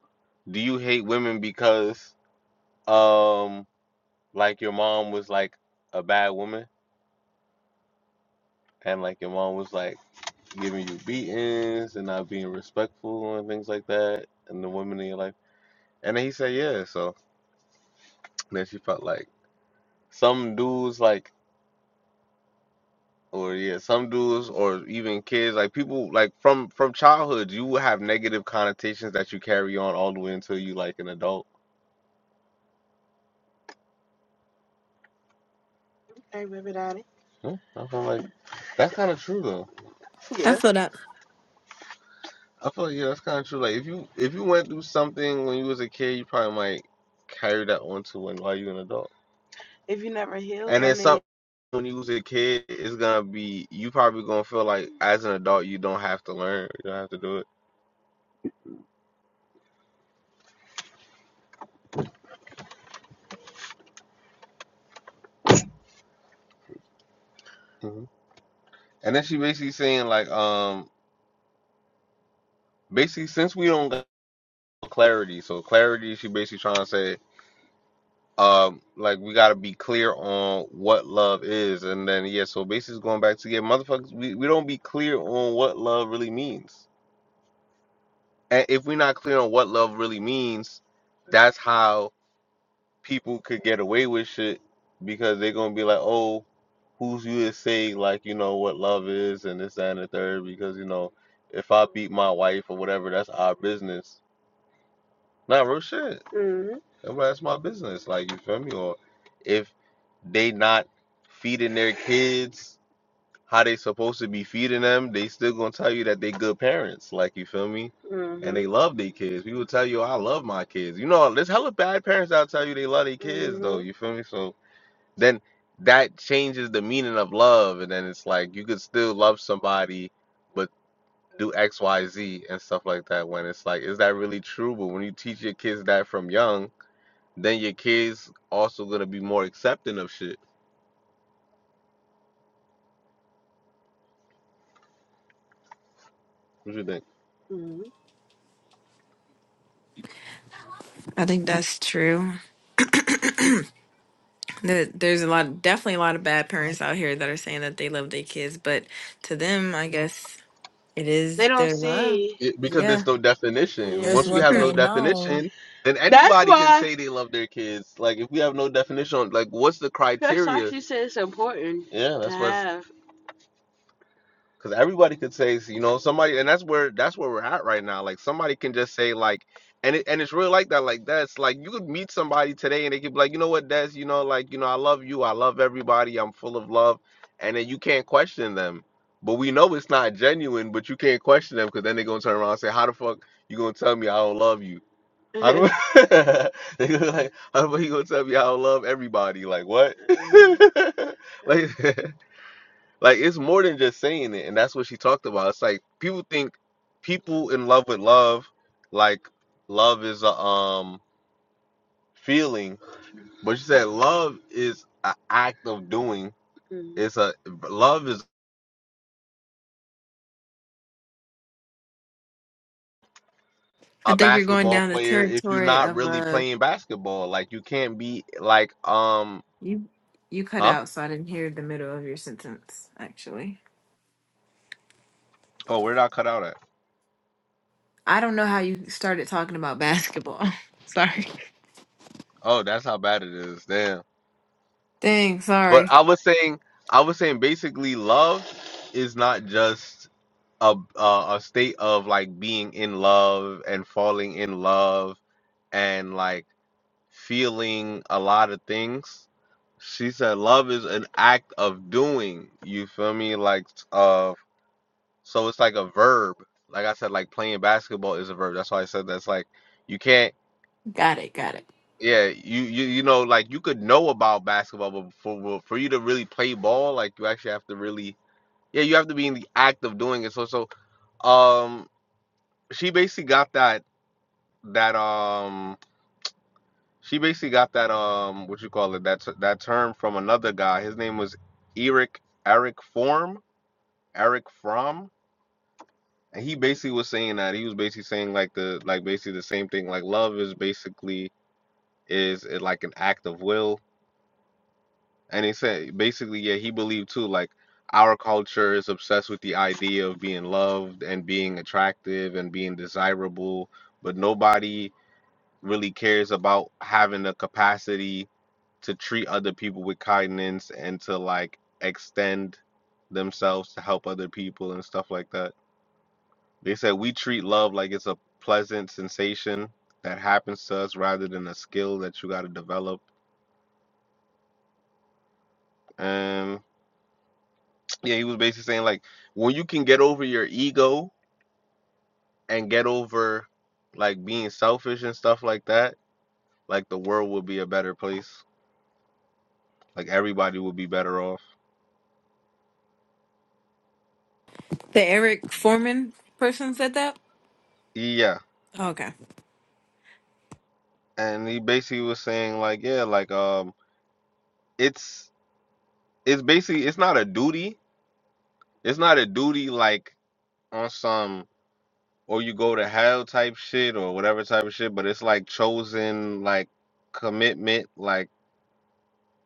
do you hate women because um like your mom was like a bad woman and like your mom was like giving you beatings and not being respectful and things like that and the women in your life?" And then he said, "Yeah." So then she felt like some dudes like or yeah, some dudes or even kids like people like from from childhood you will have negative connotations that you carry on all the way until you like an adult Hey, everybody. Yeah, I feel like that's kind of true though.
I
Yeah.
feel that.
I feel like yeah, that's kind of true. Like if you if you went through something when you was a kid, you probably might carry that on to when while you're an adult. If you never heal And then something when you was a kid, it's gonna be you probably gonna feel like as an adult you don't have to learn, you don't have to do it. hmm And then she basically saying like um basically since we don't got clarity, so clarity she basically trying to say um like we gotta be clear on what love is and then yeah so basically going back to yeah motherfuckers we, we don't be clear on what love really means and if we're not clear on what love really means that's how people could get away with shit because they're gonna be like oh who's you to say like you know what love is and this that, and the third because you know if i beat my wife or whatever that's our business Nah, real shit. Mm-hmm. Everybody, that's my business. Like, you feel me? Or if they not feeding their kids how they supposed to be feeding them, they still gonna tell you that they good parents. Like, you feel me? And Mm-hmm. And they love their kids. People tell you, "Oh, I love my kids. You know, there's hella bad parents that tell you they love their kids, though. Mm-hmm. You feel me? So then that changes the meaning of love. And then it's like, you could still love somebody. but do X, Y, Z and stuff like that when it's like, is that really true? But when you teach your kids that from young, then your kids also gonna be more accepting of shit. What you think? hmm
I think that's true. There- There's a lot, definitely a lot of bad parents out here that are saying that they love their kids, but to them, I guess it is
They don't
their love.
see. It, because
Yeah.
there's no definition. Yeah.
It's
Once we
what
have
Hmm.
no
they know.
definition, then That's anybody why, can say they love their kids. Like if we have no definition like what's the criteria? That's why she said it's important Yeah, that's what. Because everybody could say, you know, somebody, and that's where that's where we're at right now. Like somebody can just say, like, and it, and it's really like that. Like that's like you could meet somebody today, and they could be like, you know what, Des, you know, like, you know, I love you, I love everybody, I'm full of love, and then you can't question them. But we know it's not genuine, but you can't question them because then they're gonna turn around and say, how the fuck you gonna tell me I don't love you? How do they gonna be like how the fuck you gonna tell me I don't love everybody? Like what? like Like it's more than just saying it, and that's what she talked about. It's like people think people in love with love, like love is a um feeling, but she said love is an act of doing. Mhm. It's a love is
I
a
think you're going
basketball
down the
player if you're
territory
not
of
really
uh,
playing basketball. Like you can't be like um
you. You cut
huh?
out, so I didn't hear the middle of your sentence. Actually.
Oh, where did I cut out at?
I don't know how you started talking about basketball. sorry.
Oh, that's how bad it is. Damn.
Dang,
But
sorry.
I was saying I was saying basically love is not just a, a a state of like being in love and falling in love and like feeling a lot of things. She said love is an act of doing. You feel me? Like uh so it's like a verb. Like I said, like playing basketball is a verb. That's why I said that's like you can't
Got it, got it.
yeah, you you you know like you could know about basketball but for well, for you to really play ball, like you actually have to really yeah, you have to be in the act of doing it. So so um she basically got that that um she basically got that um what you call it that t- that term from another guy. His name was Eric Eric Form Eric Fromm, and he basically was saying that he was basically saying like the like basically the same thing. Like love is basically is it like an act of will, and he said basically yeah he believed too like our culture is obsessed with the idea of being loved and being attractive and being desirable, but nobody really cares about having the capacity to treat other people with kindness and to like extend themselves to help other people and stuff like that. They said we treat love like it's a pleasant sensation that happens to us rather than a skill that you got to develop. And yeah, he was basically saying like when you can get over your ego and get over like being selfish and stuff like that, like the world will be a better place. Like everybody will be better off.
The Eric Foreman person said that?
Yeah.
Okay.
and he basically was saying like yeah like um it's it's basically it's not a duty it's not a duty like on some or you go to hell type shit or whatever type of shit but it's like chosen like commitment like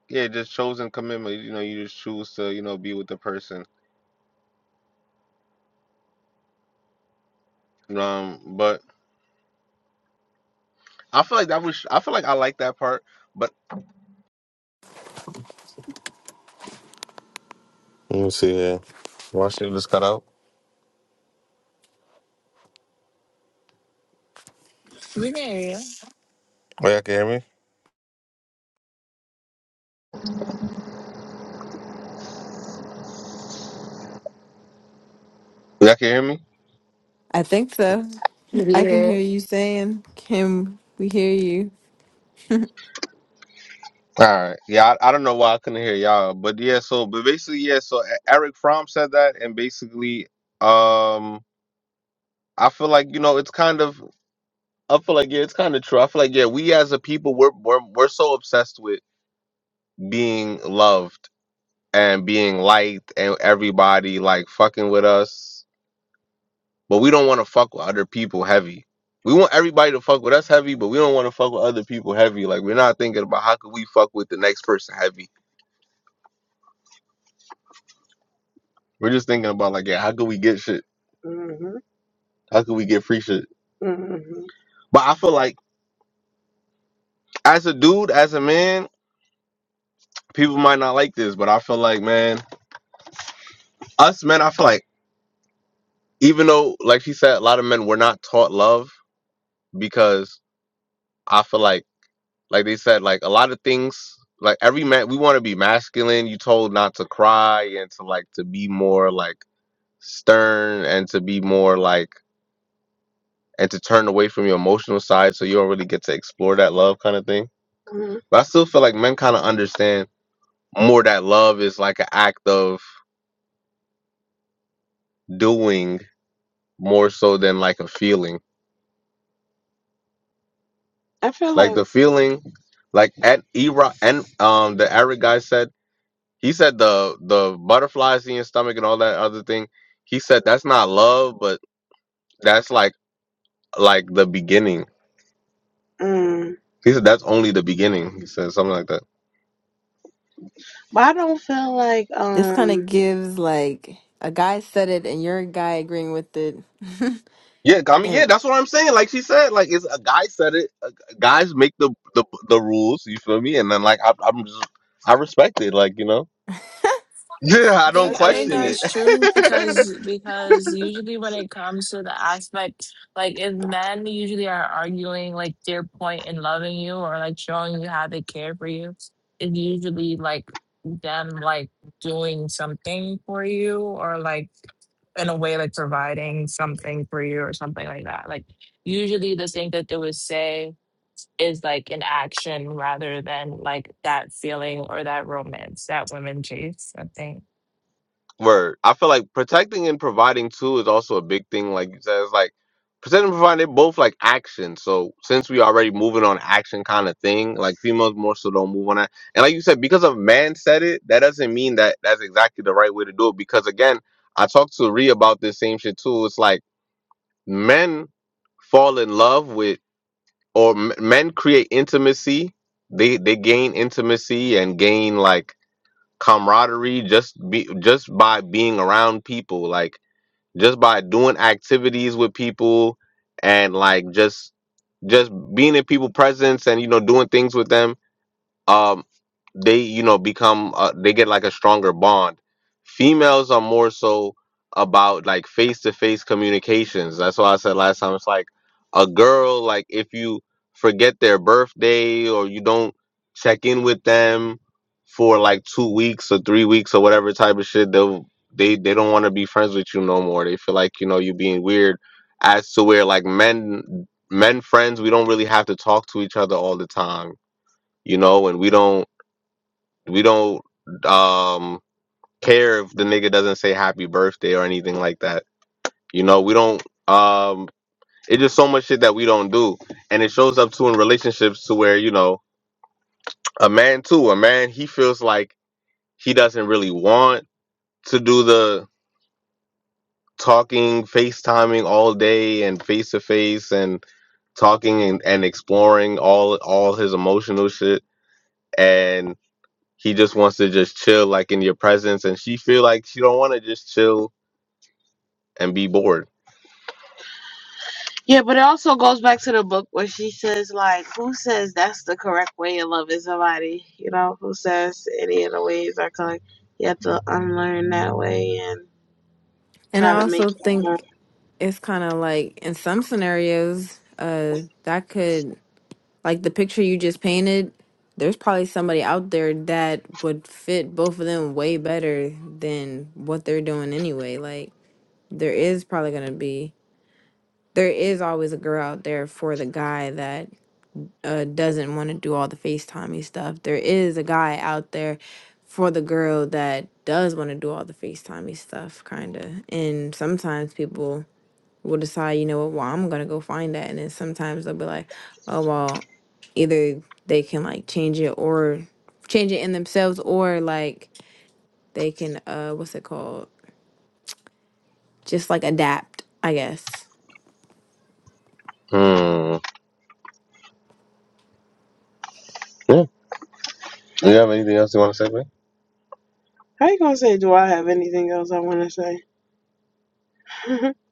yeah just chosen commitment you know you just choose to you know be with the person um but i feel like that was i feel like i like that part but Let me see here. My shit just cut out.
We can hear you.
Oh, y'all can hear me? y'all can hear me
I think so. I can
Yeah.
hear you saying, Kim, we hear you.
All right. Yeah, I, I don't know why I couldn't hear y'all, but yeah. So, but basically, yeah. So E- Eric Fromm said that, and basically, um, I feel like you know, it's kind of, I feel like yeah, it's kind of true. I feel like yeah, we as a people, we're we're we're so obsessed with being loved and being liked, and everybody like fucking with us, but we don't want to fuck with other people heavy. We want everybody to fuck with us heavy, but we don't want to fuck with other people heavy. Like we're not thinking about how could we fuck with the next person heavy We're just thinking about like, yeah, how could we get shit? Mhm. How could we get free shit? Mhm. But I feel like as a dude, as a man, people might not like this, but I feel like, man, us men, I feel like even though, like she said, a lot of men were not taught love because I feel like, like they said, like a lot of things, like every man, we want to be masculine. You told not to cry and to like to be more like stern and to be more like and to turn away from your emotional side so you don't really get to explore that love kind of thing. Mhm. But I still feel like men kind of understand more that love is like an act of doing more so than like a feeling. I feel like, like the feeling, like at Era and um the Eric guy said he said the the butterflies in your stomach and all that other thing. He said that's not love, but that's like like the beginning. Mm. He said that's only the beginning. He said something like that. But I don't feel like
This kind of
um
gives like a guy said it and you're a guy agreeing with it.
Yeah, I mean, yeah,
and
that's what I'm saying. Like she said, like it's a guy said it. uh, Guys make the the the rules. You feel me? And then like I, I'm just I respect it. Like you know. Yeah,
I
I don't
think
That's
I
question
think
crazy.
that's true
it.
because because usually when it comes to the aspect like if men usually are arguing like their point in loving you or like showing you how they care for you, it's usually like them like doing something for you or like in a way like providing something for you or something like that. Like usually the thing that they would say is like an action rather than like that feeling or that romance that women chase, I think.
Word. I feel like protecting and providing too is also a big thing. Like you said, it's like protecting and providing they're both like action. So since we already moving on action kind of thing, like females more so don't move on that. And like you said, because a man said it, that doesn't mean that that's exactly the right way to do it. Because again, I talked to Ree about this same shit too. It's like Men fall in love with, or m- men create intimacy. They they gain intimacy and gain like camaraderie just be just by being around people, like just by doing activities with people and like just just being in people presence and you know doing things with them um they you know become uh, they get like a stronger bond females are more so about like face-to-face communications that's why i said last time it's like a girl like if you forget their birthday or you don't check in with them for like two weeks or three weeks or whatever type of shit they'll they they don't want to be friends with you no more they feel like you know you being weird as to where like men men friends we don't really have to talk to each other all the time you know, and we don't we don't um care if the nigga doesn't say happy birthday or anything like that. You know, we don't um it's just so much shit that we don't do. And it shows up too in relationships to where, you know, a man too, a man he feels like he doesn't really want to do the talking, FaceTiming all day and face to face and talking and, and exploring all all his emotional shit He just wants to just chill like in your presence and she feel like she don't want to just chill and be bored. Yeah, but it also goes back to the book where she says, like, who says that's the correct way of loving somebody? You know, who says any of the ways are correct? You have to unlearn that way and
and
try
I
to make
also
it.
think it's kind of like in some scenarios, uh, that could Like the picture you just painted, there's probably somebody out there that would fit both of them way better than what they're doing anyway. Like there is probably going to be there is always a girl out there for the guy that uh, doesn't want to do all the FaceTimey stuff. There is a guy out there for the girl that does want to do all the FaceTimey stuff, kind of. And sometimes people will decide, you know what, well, I'm gonna go find that. And then sometimes they'll be like, oh well, either they can like change it or change it in themselves or like they can uh what's it called? Just like adapt, I guess.
Hmm. Yeah. You have anything else you want to say, man? How you gonna say? Do I have anything else I want to say?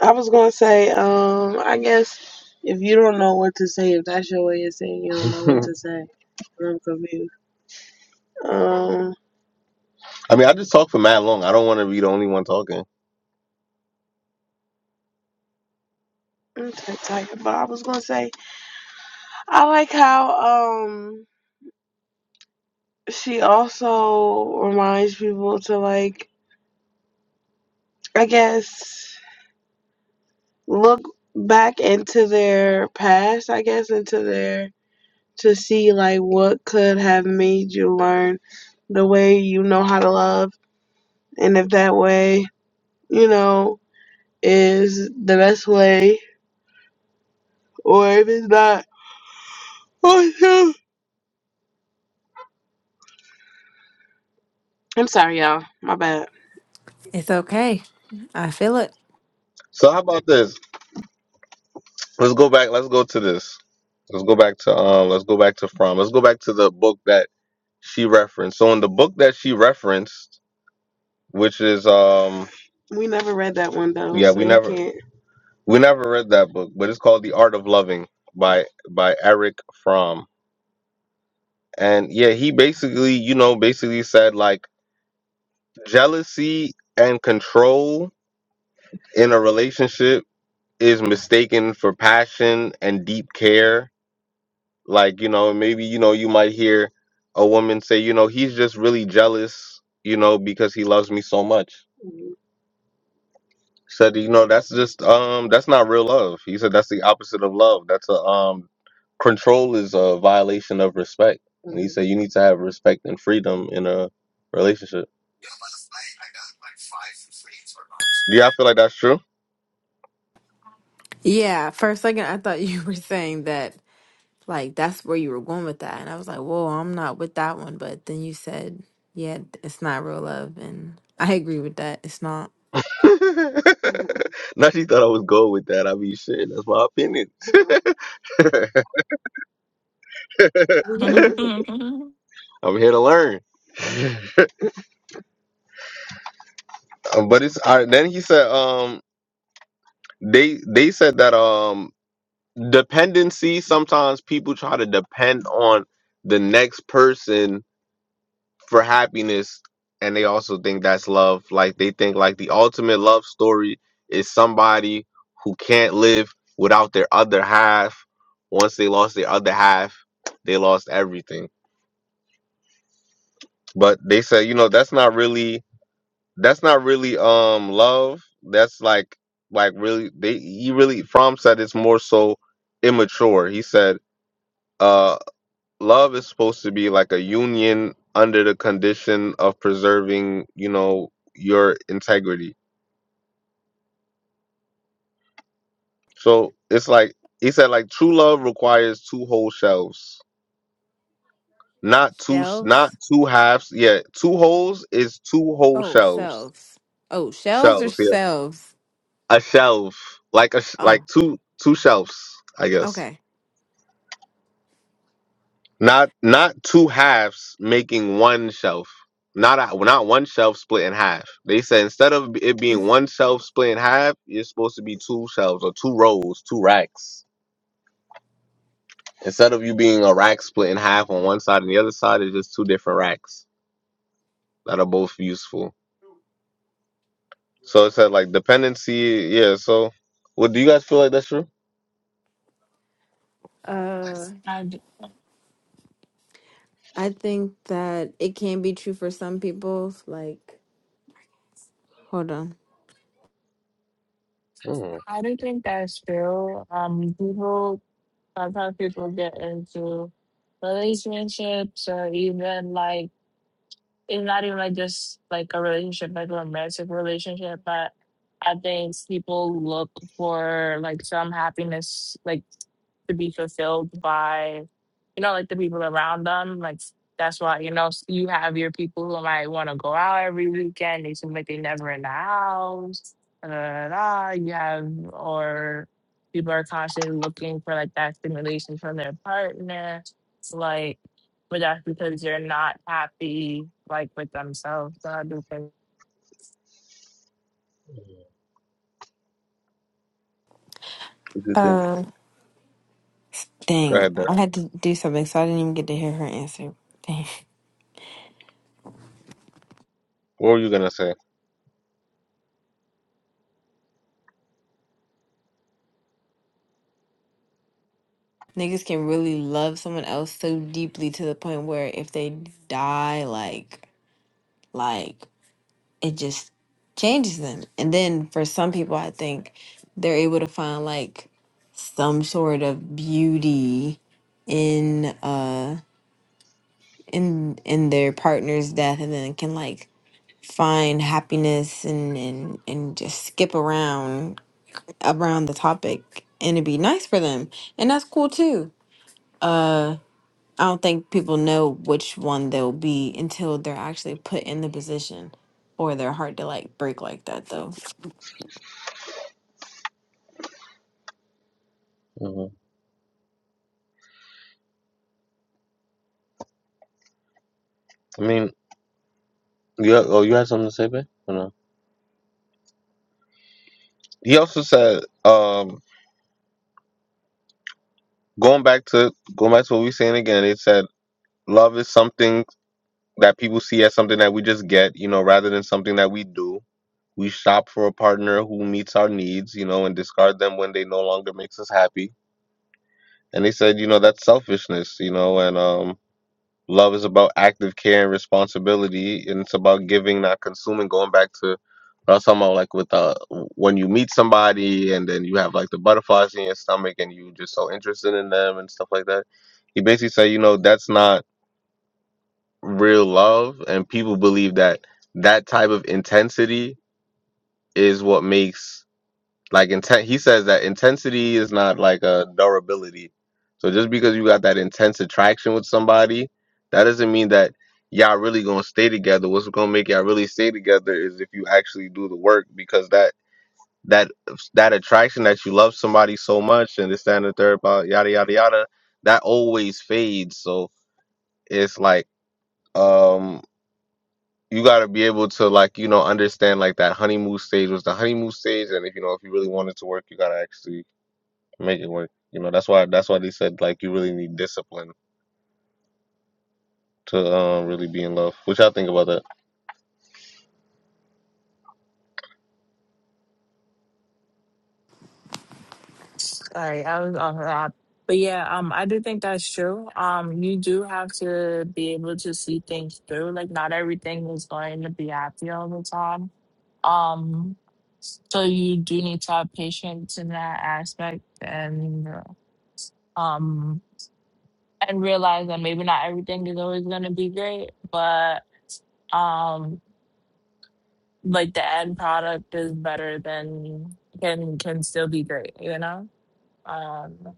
I was gonna say, um, I guess if you don't know what to say, if that's your way of saying you don't know what to say, I'm confused. Um. I mean, I just talked for mad long. I don't want to be the only one talking. Okay, am but I was gonna say I like how um she also reminds people to like I guess look back into their past, I guess into their to see like what could have made you learn the way you know how to love and if that way, you know, is the best way or if it's not. I'm sorry y'all. My bad.
It's okay. I feel it.
So how about this? Let's go back. Let's go to this. Let's go back to um. Let's go back to from. Let's go back to the book that she referenced. So in the book that she referenced, which is um, We never read that one though, yeah, so we you never can't. we never read that book, but it's called The Art of Loving by by Eric Fromm. And yeah, he basically, you know, basically said like jealousy and control in a relationship is mistaken for passion and deep care Like, you know, maybe, you know, you might hear a woman say, you know, he's just really jealous, you know, because he loves me so much. Said, you know, that's just um that's not real love. He said that's the opposite of love. That's a um control is a violation of respect. And he said you need to have respect and freedom in a relationship. Do y'all feel like that's true?
Yeah, for a second I thought you were saying that like that's where you were going with that. And I was like, Whoa, I'm not with that one but then you said, Yeah, it's not real love and I agree with that. It's not.
now she thought I was gold with that. I mean shit, that's my opinion.
And
I'm here to learn. Uh, but it's all right. Then he said, um, they they said that um, dependency. Sometimes people try to depend on the next person for happiness, and they also think that's love. Like they think like the ultimate love story is somebody who can't live without their other half. Once they lost their other half, they lost everything. But they said, you know, that's not really that's not really um love. That's like like really they he really Fromm said it's more so immature. He said uh love is supposed to be like a union under the condition of preserving, you know, your integrity. So it's like he said like true love requires two whole shelves. Not two not
Shelves.
two halves. Yeah, two holes is two whole
Oh,
shelves.
selves. Oh, shelves or
Shelves, yeah.
selves?
A shelf. Like a sh-
Oh,
like two two shelves, I guess.
okay.
Not not two halves making one shelf. Not a, not one shelf split in half. They said instead of it being one shelf split in half, you're supposed to be two shelves or two rows, two racks. Instead of you being a rack split in half on one side and the other side is just two different racks that are both useful. So it said like dependency, yeah. So, what do you guys feel like that's true?
Uh,
I
I think that it can be true for some people. Like, hold on.
Mm,
do think that's true. Um, people sometimes people get into relationships or even like it's not even like just like a relationship, like a romantic relationship, but I think people look for like some happiness, like to be fulfilled by, you know, like the people around them. Like that's why, you know, s- you have your people who might want to go out every weekend. They seem like they never in the house. Da, da, da, da. You have, or people are constantly looking for like that stimulation from their partner. Like, but that's because you're not happy like with themselves. So I do think
what do you think?
Uh,
Go
dang,
ahead, Dirk.
I had to do something, so I didn't even get to hear her answer. Dang.
What were you gonna say?
Niggas can really love someone else so deeply to the point where if they die, like, like. it just changes them. And then for some people, I think they're able to find like some sort of beauty in uh in in their partner's death and then can like find happiness and and and just skip around around the topic and it'd be nice for them and that's cool too uh i don't think people know which one they'll be until they're actually put in the position for their heart to like break like that though
hmm I mean, you oh you had something to say, babe? Or no? He also said, um. Going back to going back to what we were saying again, it said love is something that people see as something that we just get, you know, rather than something that we do. We shop for a partner who meets our needs, you know, and discard them when they no longer makes us happy. And they said, you know, that's selfishness, you know, and um Love is about active care and responsibility, and it's about giving, not consuming. Going back to what I was talking about, like with uh, when you meet somebody and then you have like the butterflies in your stomach and you just so interested in them and stuff like that. He basically said, you know, that's not real love, and people believe that that type of intensity is what makes like intent, he says that intensity is not like a durability. So just because you got that intense attraction with somebody, that doesn't mean that y'all really gonna stay together. What's gonna make y'all really stay together is if you actually do the work, because that that that attraction that you love somebody so much and this that, and the third about yada yada yada, that always fades. So it's like um you got to be able to like you know understand like that honeymoon stage was the honeymoon stage and if you know if you really wanted to work you got to actually make it work. You know, that's why that's why they said like you really need discipline to um really be in love. Which I think about that.
sorry, I was off that. But yeah, um I do think that's true. Um you do have to be able to see things through. Like not everything is going to be happy all the time. Um so you do need to have patience in that aspect and um and realize that maybe not everything is always gonna be great, but um. like the end product is better than can can still be great, you know? Um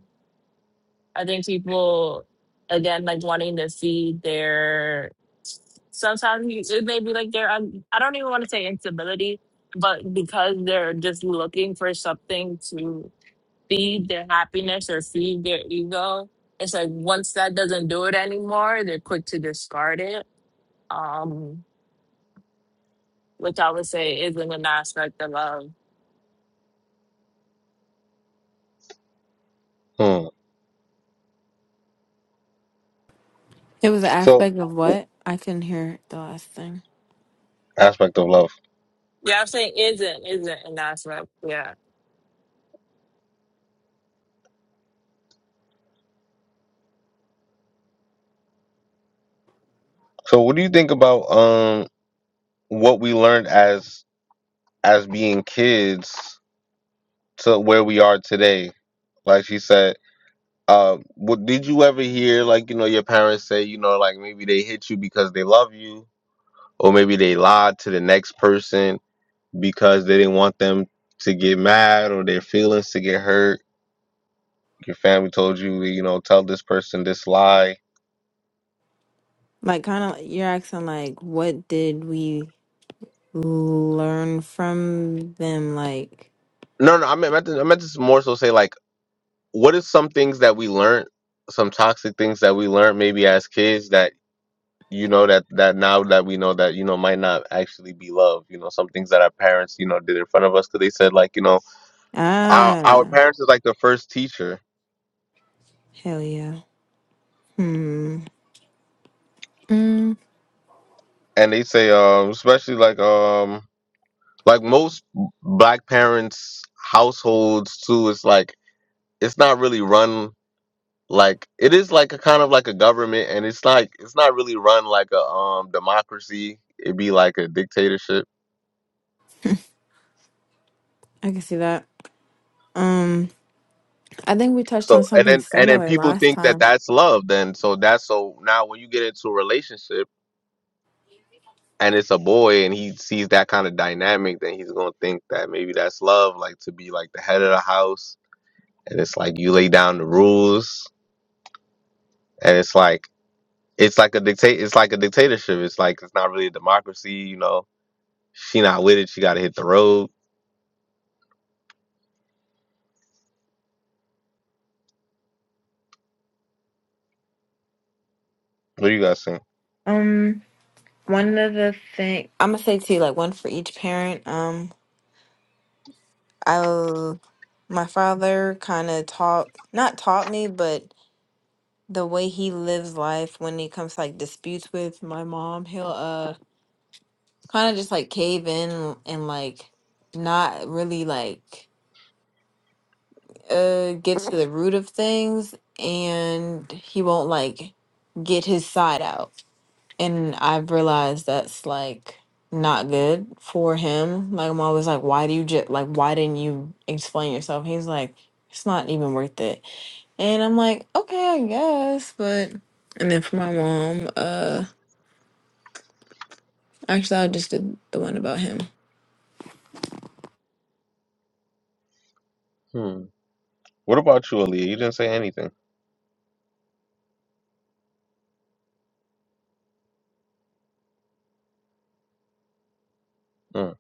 I think people again like wanting to see their sometimes you- it may be like their un- I don't even want to say instability, but because they're just looking for something to feed their happiness or feed their ego, it's like once that doesn't do it anymore, they're quick to discard it. Um, which I would say isn't an aspect of love
Hmm.
It was an
So
aspect of what? I couldn't hear the last thing.
aspect of love.
Yeah, I'm saying isn't, isn't, and that's right. Yeah.
So what do you think about um what we learned as as being kids to where we are today? Like she said, uh, what did you ever hear like you know your parents say you know like maybe they hit you because they love you, or maybe they lied to the next person because they didn't want them to get mad or their feelings to get hurt your family told you, you know, tell this person this lie.
Like, kind of, you're asking, like, what did we learn from them? Like,
No, no, I meant, I meant to, I meant to more so say like, what is some things that we learned, some toxic things that we learned maybe as kids that you know that that now that we know that you know might not actually be love. You know, some things that our parents you know did in front of us because they said like you know our our
ah,
parents is like the first teacher,
hell yeah. Hmm. Mm,
and they say um especially like um like most black parents households too it's like it's not really run like it is like a kind of like a government and it's like it's not really run like a um democracy it'd be like a dictatorship
I can see that. Um, I think we touched on
so and
something
then and then
similar
people
last
think that
time.
that's love then so that's so now when you get into a relationship and it's a boy and he sees that kind of dynamic then he's gonna think that maybe that's love like to be like the head of the house and it's like you lay down the rules and it's like it's like a dictate it's like a dictatorship it's like it's not really a democracy you know she not with it she gotta hit the road what do you guys think
Um, one of the thing I'm gonna say two, like one for each parent. Um, I, my father kind of taught, not taught me, but the way he lives life when it comes to like disputes with my mom, he'll uh kind of just like cave in and like not really like uh get to the root of things and he won't like get his side out. And I've realized that's like not good for him. Like I'm always like, why do you just like why didn't you explain yourself? He's like, it's not even worth it. And I'm like, okay, I guess, but and then for my mom, uh Actually, I just did the one about him.
Hmm. What about you, Aaliyah? You didn't say anything. Hmm.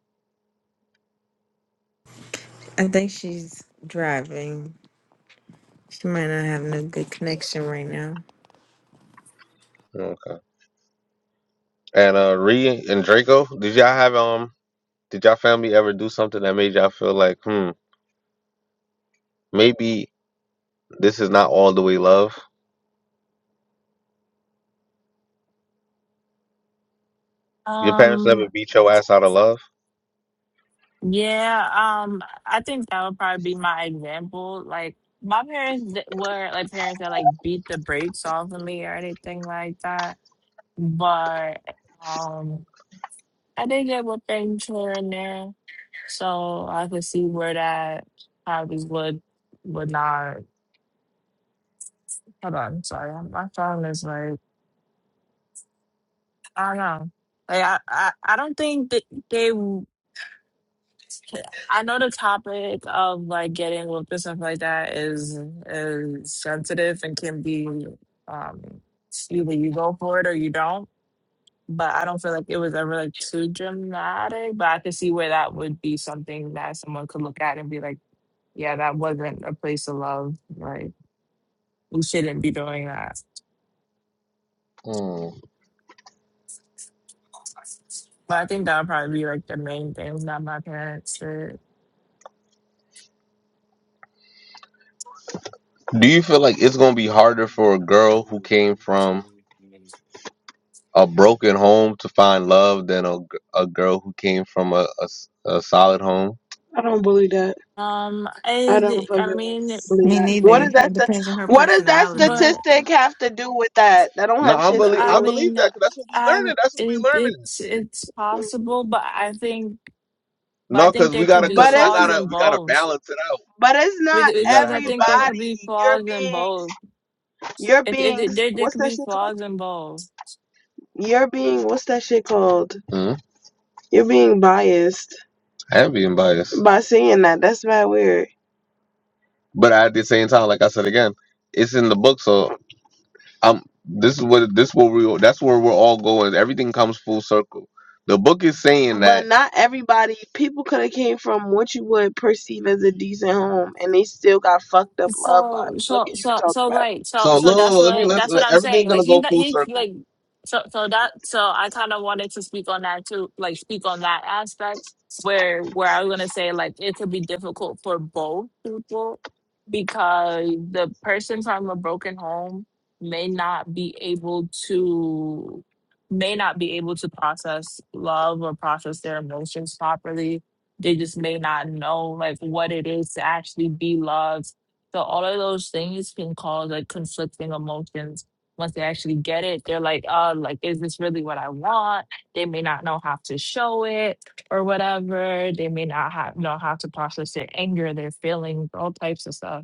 I think she's driving. She might not have no good connection right now.
Okay. And uh, Ree and Draco, did y'all have um? Did y'all family ever do something that made y'all feel like, hmm, maybe this is not all the way love? Your parents
Um,
never beat your ass out of love.
yeah, um, I think that would probably be my example. Like, my parents th- were like parents that like beat the brakes off of me or anything like that. But, um, I did get what things here and there. So I could see where that probably would, would not. Hold on, sorry. My phone is like, I don't know. Like, I, I, I don't think that they. I know the topic of like getting looked and stuff like that is is sensitive and can be um either you go for it or you don't. But I don't feel like it was ever like too dramatic. But I could see where that would be something that someone could look at and be like, yeah, that wasn't a place of love. Like we shouldn't be doing that.
Hmm.
But I think that would probably be like the main things that my parents did.
Do you feel like it's gonna be harder for a girl who came from a broken home to find love than a, g- a girl who came from a, a s- a solid home? I don't believe that.
Um,
I don't
I I
fucking
mean,
believe
Me
that. What
neither.
is
it-
that?
It
St-
depends on her
what does that
personality.
but
statistic have to do with that? That don't No, have I shit to
But
believe
I
I with. believe
mean,
that because that's what we
I'm
learning. That's what we
it,
learning.
it's it's
with.
possible, but I think but I
No,
think
because we
there could
gotta,
be
because But I it's
flaws
gotta,
in
we gotta
both
balance it out. but it's
Bec-
not We gotta have
because I
a balance.
think there could be
everybody. You're
flaws in
being
both.
you're
It, it,
being
it there there
what's
could
that
be
shit called?
flaws in both.
You're being what's that shit called? hmm You're being biased I am being biased, by saying that. That's mad weird. but at the same time, like I said again, it's in the book, so um this is what this what we that's where we're all going everything comes full circle the book is saying that. But not everybody. People could have came from what you would perceive as a decent home, and they still got fucked up love
So
lives. Fuck
so
is you
so
talking
so
about?
right. So
so
so that's
look let me
what
let's
that's what
let,
I'm
everything's
saying.
gonna
Like you
go
got
full
you
circle
like so so that so I kind of wanted to speak on that too, like speak on that aspect where where I was gonna say like it could be difficult for both people because the person from a broken home may not be able to may not be able to process love or process their emotions properly. They just may not know like what it is to actually be loved so all of those things can cause like conflicting emotions. Once they actually get it, they're like, uh, like, is this really what I want? They may not know how to show it or whatever. They may not ha- know how to process their anger, their feelings, all types of stuff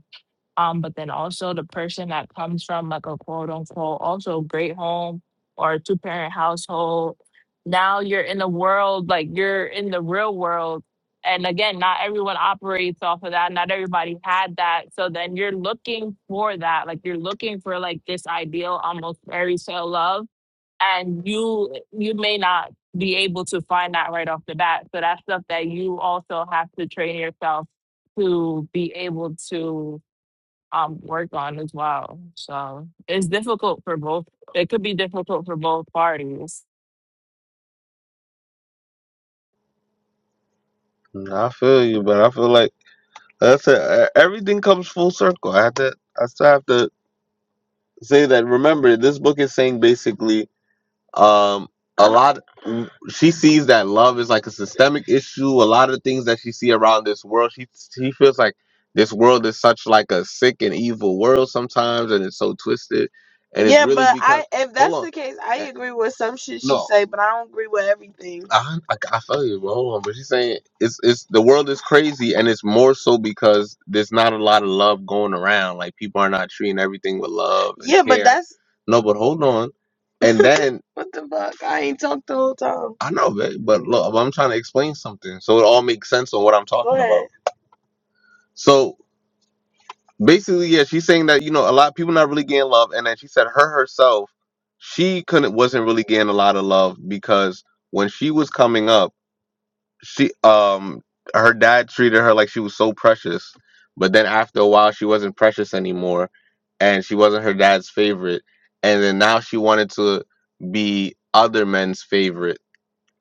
um, but then also the person that comes from like a quote unquote also great home or two parent household. Now you're in the world, like you're in the real world. And again, not everyone operates off of that. Not everybody had that. So then you're looking for that. Like you're looking for like this ideal, almost fairy tale love. And you you may not be able to find that right off the bat. So that's stuff that you also have to train yourself to be able to um work on as well. So it's difficult for both. It could be difficult for both parties.
i feel you but i feel like that's it E- everything comes full circle i have to i still have to say that remember this book is saying basically um a lot she sees that love is like a systemic issue a lot of the things that she see around this world she she feels like this world is such like a sick and evil world sometimes and it's so twisted and it's Yeah, really but because I if hold that's on the case, I eh, agree with some shit she no say, but I don't agree with everything. I, I, I feel you, but hold on. But she's saying it's it's the world is crazy, and it's more so because there's not a lot of love going around. Like people are not treating everything with love and Yeah, but care. that's No, but hold on. And then what the fuck? I ain't talked the whole time. I know, babe, but look, I'm trying to explain something so it all makes sense on what I'm talking about. So basically, yeah, she's saying that you know a lot of people not really getting love, and then she said her herself, she couldn't wasn't really getting a lot of love because when she was coming up, she um her dad treated her like she was so precious, but then after a while, she wasn't precious anymore, and she wasn't her dad's favorite, and then now she wanted to be other men's favorite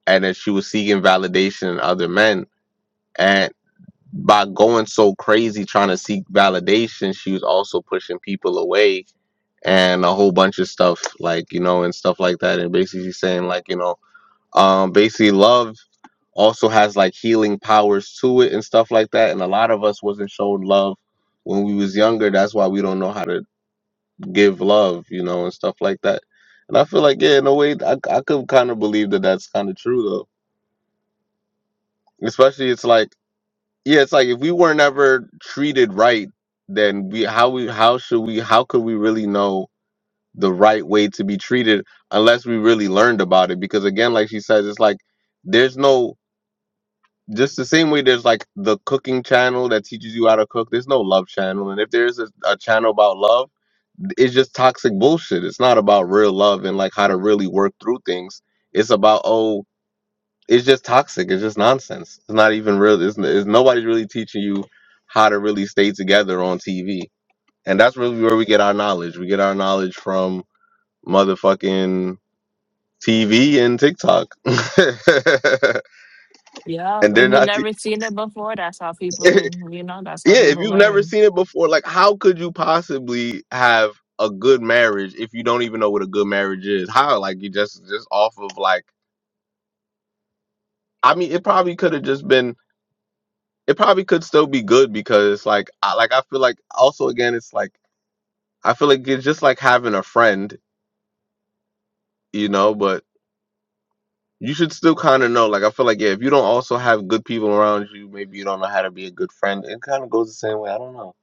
and that she was seeking validation in other men. And by going so crazy trying to seek validation, she was also pushing people away and a whole bunch of stuff, like, you know, and stuff like that. And basically she's saying, like, you know, um, basically love also has like healing powers to it and stuff like that. And a lot of us wasn't shown love when we was younger. That's why we don't know how to give love, you know, and stuff like that. And I feel like, yeah, in a way, I, I could kind of believe that that's kind of true, though. Especially, it's like, yeah, it's like if we were never treated right, then we how we how should we how could we really know the right way to be treated unless we really learned about it? Because again, like she says, it's like there's no just the same way there's like the cooking channel that teaches you how to cook. There's no love channel, and if there's a, a channel about love, it's just toxic bullshit. It's not about real love and like how to really work through things. It's about oh it's just toxic. It's just nonsense. It's not even real. It's, it's nobody's really teaching you how to really stay together on TV, and that's really where we get our knowledge. We get our knowledge from motherfucking TV and TikTok,
Yeah,
and they're
if you've
not. Te-
never seen it before, that's how
yeah,
people, you know, that's how
if
people
you've never
learn.
seen it before, like how could you possibly have a good marriage if you don't even know what a good marriage is? How like you just just off of like. I mean, it probably could have just been it probably could still be good because like I like I feel like also again it's like I feel like it's just like having a friend, you know, but you should still kind of know. Like I feel like yeah, if you don't also have good people around you, maybe you don't know how to be a good friend. It kind of goes the same way. I don't know.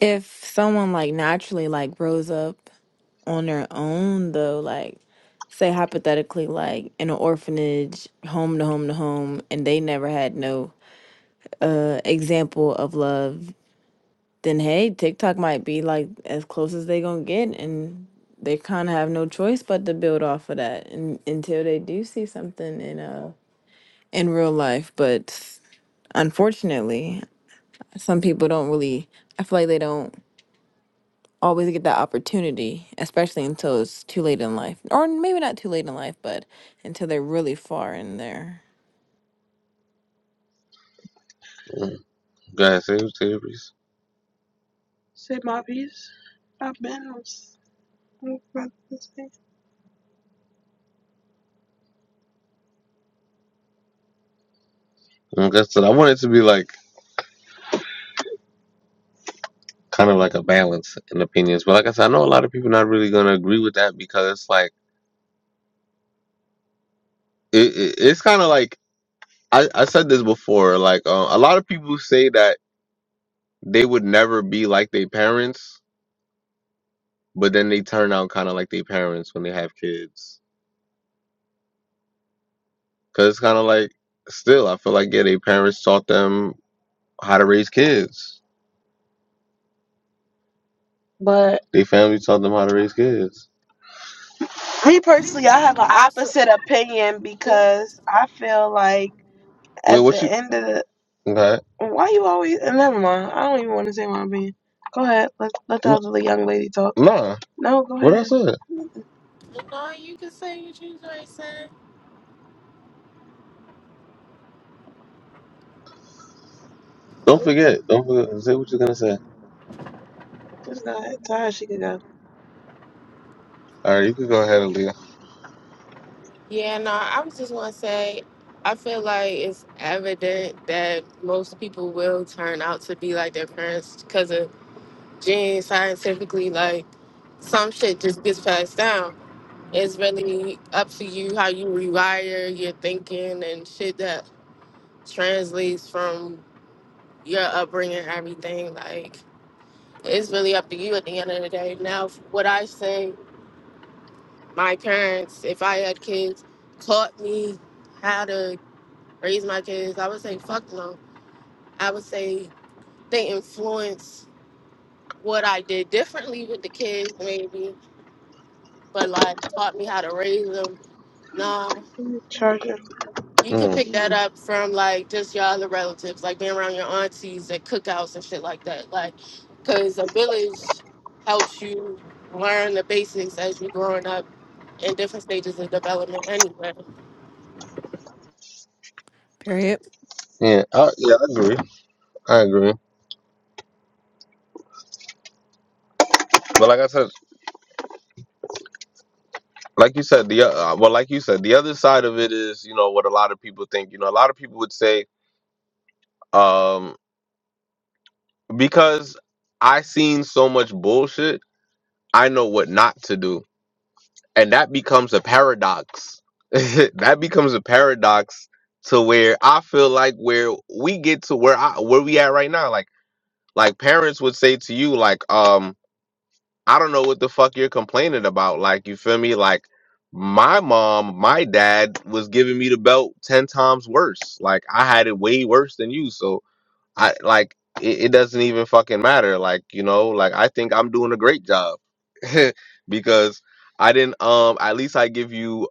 If someone like naturally like grows up on their own though, like say hypothetically like in an orphanage, home to home to home, and they never had no uh example of love then hey, TikTok might be like as close as they gonna get, and they kind of have no choice but to build off of that, and until they do see something in uh in real life. But unfortunately, some people don't really. I feel like they don't always get that opportunity, especially until it's too late in life, or maybe not too late in life, but until they're really far in there.
Mm. Go ahead, say, say your piece. Say my piece. I've been. Like I said, I want it to be like kind of like a balance in opinions, but like I said, I know a lot of people not really gonna agree with that because like it, it it's kind of like I, I said this before. Like uh, a lot of people say that they would never be like their parents, but then they turn out kind of like their parents when they have kids. Cause it's kind of like still, I feel like yeah, their parents taught them how to raise kids. But Their family taught them how to raise kids. me personally, I have an
I so-
opposite opinion because I feel like. Well, At what the you? end of the Okay. why you always and never mind. I don't even want to say my opinion. Go ahead. Let let the N- other young lady talk. Nah. No, go What I ahead. said.
no, you can say what you ain't saying.
Don't
Oop.
forget. Don't forget. Say what you're gonna say. Just go ahead. Tell her she could go. All right. You can go ahead and leave.
Yeah, no, I was just gonna say I feel like it's evident that most people will turn out to be like their parents because of genes scientifically like some shit just gets passed down. It's really up to you how you rewire your thinking and shit that translates from your upbringing, everything. Like, it's really up to you at the end of the day. Now, what I say my parents, if I had kids, taught me how to raise my kids, I would say fuck no. I would say they influenced what I did differently with the kids, maybe, but like taught me how to raise them. No,
Charger.
you could
Mm.
pick that up from like just your other relatives, like being around your aunties at cookouts and shit like that. Like, cause a village helps you learn the basics as you're growing up in different stages of development anyway.
Period.
Yeah. I, yeah. I agree. I agree. But like I said, like you said, the uh, well, like you said, the other side of it is, you know, what a lot of people think. You know, a lot of people would say, um, because I seen so much bullshit. I know what not to do. And that becomes a paradox. that becomes a paradox to where I feel like where we get to where I where we at right now. Like like parents would say to you, like, um, I don't know what the fuck you're complaining about. Like, you feel me? Like my mom, my dad was giving me the belt ten times worse. Like I had it way worse than you. So I like it, it doesn't even fucking matter. Like, you know, like I think I'm doing a great job because I didn't um at least I give you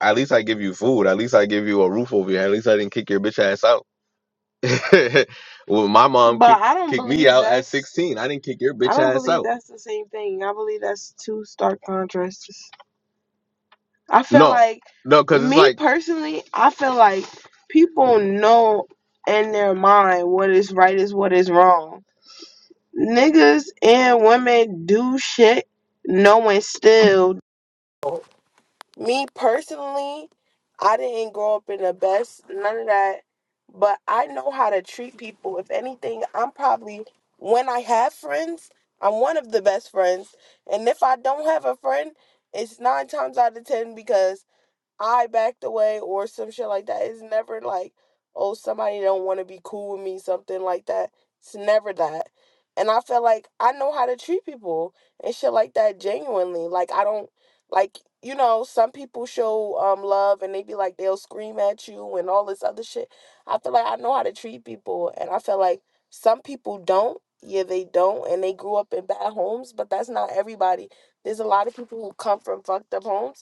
at least I give you food. At least I give you a roof over your head. At least I didn't kick your bitch ass out. well, my mom But kicked I don't kicked me believe out at that's 16. I didn't kick your I bitch don't ass believe out. that's the same thing. I believe that's two stark contrasts. I feel No. like No, cuz it's me like personally, I feel like people know in their mind what is right is what is wrong. Niggas and women do shit knowing still. Me personally, I didn't grow up in the best, none of that. But I know how to treat people. If anything, I'm probably, when I have friends, I'm one of the best friends. And if I don't have a friend, it's nine times out of ten because I backed away or some shit like that. It's never like, oh, somebody don't want to be cool with me, something like that. It's never that. And I feel like I know how to treat people and shit like that genuinely. Like I don't like you know, some people show um love and they be like they'll scream at you and all this other shit. I feel like I know how to treat people and I feel like some people don't. Yeah, they don't and they grew up in bad homes, but that's not everybody. There's a lot of people who come from fucked up homes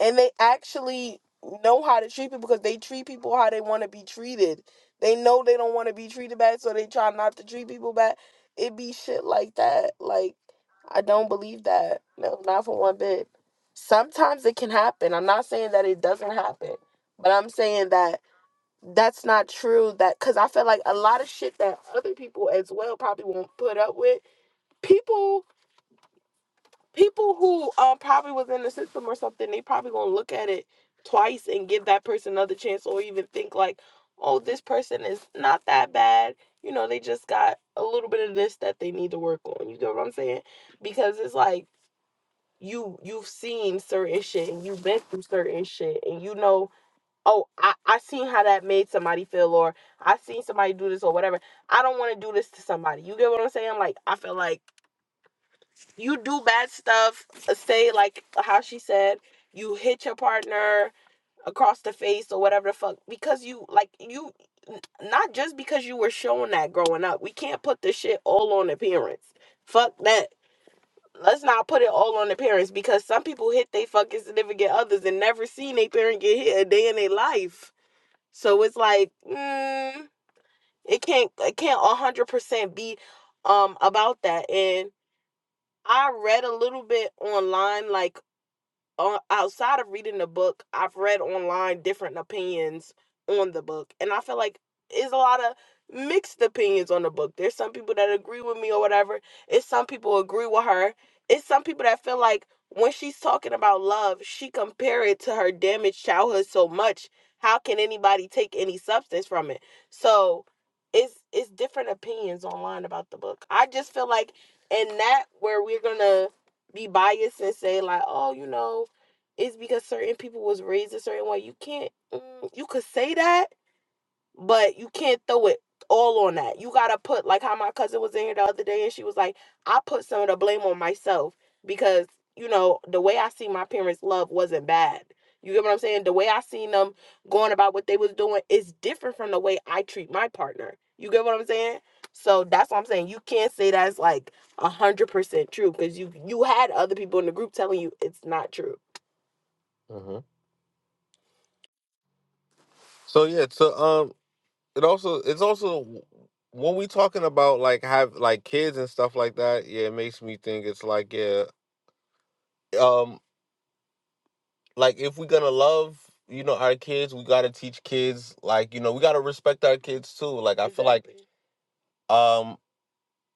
and they actually know how to treat people because they treat people how they want to be treated. They know they don't want to be treated bad, so they try not to treat people bad. It be shit like that. Like I don't believe that. No, not for one bit. Sometimes it can happen. I'm not saying that it doesn't happen, but I'm saying that that's not true. That because I feel like a lot of shit that other people as well probably won't put up with. People people who um probably was in the system or something, they probably gonna look at it twice and give that person another chance, or even think like, oh, this person is not that bad. You know, they just got a little bit of this that they need to work on. You get what I'm saying? Because it's like you you've seen certain shit and you've been through certain shit and you know oh i i seen how that made somebody feel or i seen somebody do this or whatever i don't want to do this to somebody you get what i'm saying like i feel like you do bad stuff uh, say like how she said you hit your partner across the face or whatever the fuck because you like you not just because you were shown that growing up we can't put this shit all on the parents fuck that let's not put it all on the parents because some people hit they fucking significant others and never seen their parent get hit a day in their life so it's like mm, it can't it can't 100% be um about that and. I read a little bit online, like uh, outside of reading the book, I've read online different opinions on the book, and I feel like it's a lot of mixed opinions on the book. There's some people that agree with me or whatever. It's some people agree with her. It's some people that feel like when she's talking about love, she compare it to her damaged childhood so much. How can anybody take any substance from it? So it's it's different opinions online about the book. I just feel like in that where we're gonna be biased and say like, oh, you know, it's because certain people was raised a certain way. You can't. Mm, you could say that, but you can't throw it all on that. You gotta put like how my cousin was in here the other day, and she was like, "I put some of the blame on myself because you know the way I see my parents' love wasn't bad." You get what I'm saying? The way I seen them going about what they was doing is different from the way I treat my partner. You get what I'm saying? So that's what I'm saying. You can't say that's like a hundred percent true because you you had other people in the group telling you it's not true. Mm-hmm. So yeah, so um, it also it's also when we talking about like have like kids and stuff like that. Yeah, it makes me think it's like yeah, um, like if we're gonna love you know our kids, we gotta teach kids like you know we gotta respect our kids too. Like I feel like Exactly. um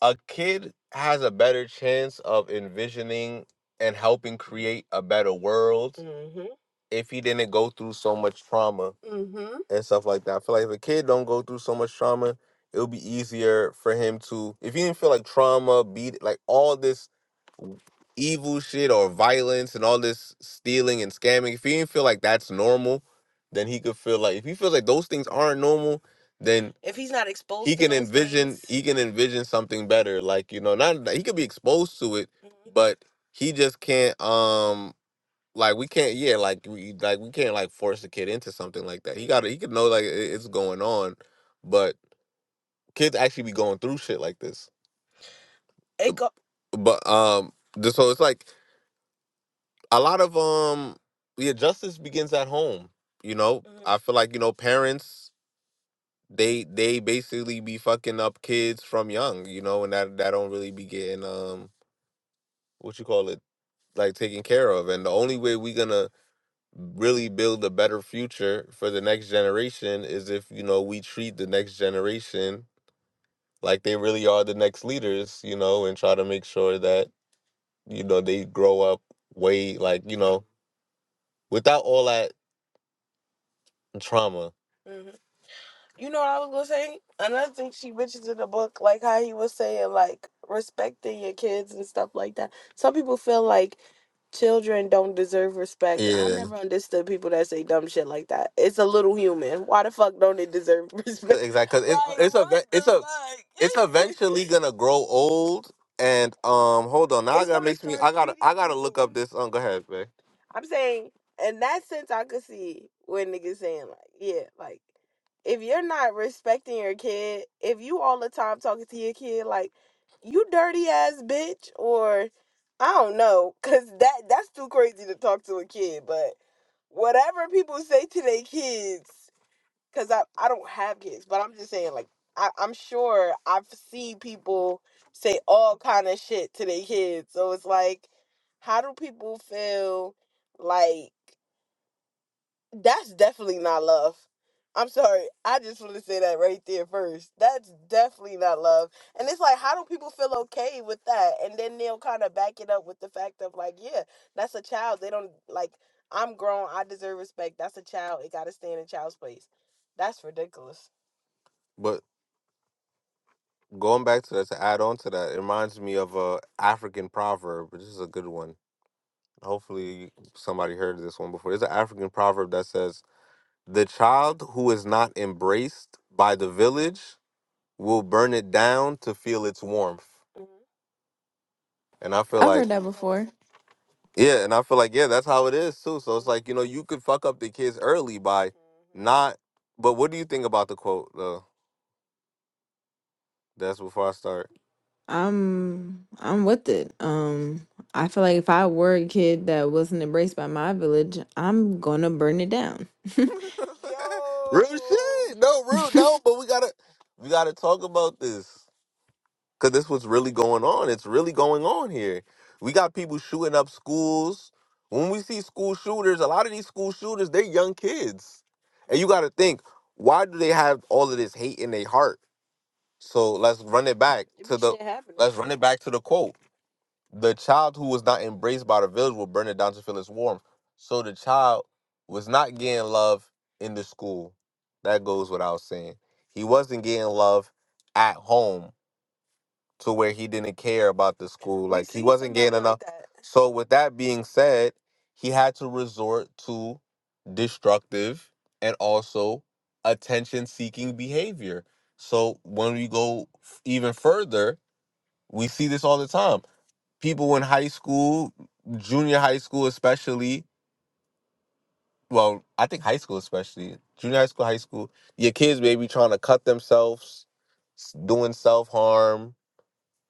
a kid has a better chance of envisioning and helping create a better world Mhm. if he didn't go through so much trauma Mhm. and stuff like that. I feel like if a kid don't go through so much trauma, it'll be easier for him to if he didn't feel like trauma, beat like all this evil shit or violence and all this stealing and scamming, if he didn't feel like that's normal, then he could feel like if he feels like those things aren't normal, then If he's not he exposed he to can those envision things, he can envision something better. Like, you know, not he could be exposed to it, Mhm. but he just can't um like we can't yeah, like we like we can't like force the kid into something like that. He gotta he could know like it- it's going on, but kids actually be going through shit like this it go. but um th- so it's like a lot of um yeah justice begins at home you know hmm i feel like you know parents they they basically be fucking up kids from young you know and that that don't really be getting um what you call it like taken care of and the only way we gonna really build a better future for the next generation is if you know we treat the next generation like they really are the next leaders you know and try to make sure that you know they grow up way like you know without all that trauma You know what I was gonna say? Another thing she mentions in the book, like how he was saying, like respecting your kids and stuff like that. Some people feel like children don't deserve respect. I Yeah, never understood people that say dumb shit like that. It's a little human. Why the fuck don't they deserve respect? exactly. Cause it's Like it's a what it's the a it's fuck? eventually gonna grow old. And um, hold on. Now I it's gotta gonna makes me. start I gotta I eating gotta look people. up this. Um, go ahead, babe. I'm saying in that sense I could see what niggas saying like, yeah, like if you're not respecting your kid, if you all the time talking to your kid like you dirty ass bitch or I don't know, cause that that's too crazy to talk to a kid. But whatever people say to their kids, cause I I don't have kids, but I'm just saying like I, I'm sure I've seen people say all kind of shit to their kids. So it's like, how do people feel like? That's definitely not love. I'm sorry. I just want to say that right there first. That's definitely not love. And it's like, how do people feel okay with that? And then they'll kind of back it up with the fact of, like, yeah, that's a child. They don't, like, I'm grown. I deserve respect. That's a child. It got to stay in a child's place. That's ridiculous. But going back to that, to add on to that, it reminds me of a African proverb. This is a good one. Hopefully, somebody heard this one before. There's an African proverb that says. The child who is not embraced by the village will burn it down to feel its warmth. Mhm. And I feel
I've
like,
heard that before.
yeah, and I feel like, yeah, that's how it is too. So it's like, you know, you could fuck up the kids early by not. But what do you think about the quote, though? That's before I start.
I'm I'm with it. Um, I feel like if I were a kid that wasn't embraced by my village, I'm gonna burn it down.
real shit. No, real. No, but we gotta, we gotta talk about this. because this was really going on. It's really going on here. We got people shooting up schools. When we see school shooters, a lot of these school shooters, they're young kids. And you got to think, why do they have all of this hate in their heart? So let's run it back It to be the shit happening. let's run it back to the quote. The child who was not embraced by the village will burn it down to feel its warmth. So the child was not getting love in the school. That goes without saying. He wasn't getting love at home to where he didn't care about the school. Well, Like he so wasn't getting like enough. So with that being said, he had to resort to destructive and also attention seeking behavior. So when we go f- even further, we see this all the time. People in high school, junior high school especially, well, I think high school especially, junior high school, high school, your kids maybe trying to cut themselves, s- doing self-harm,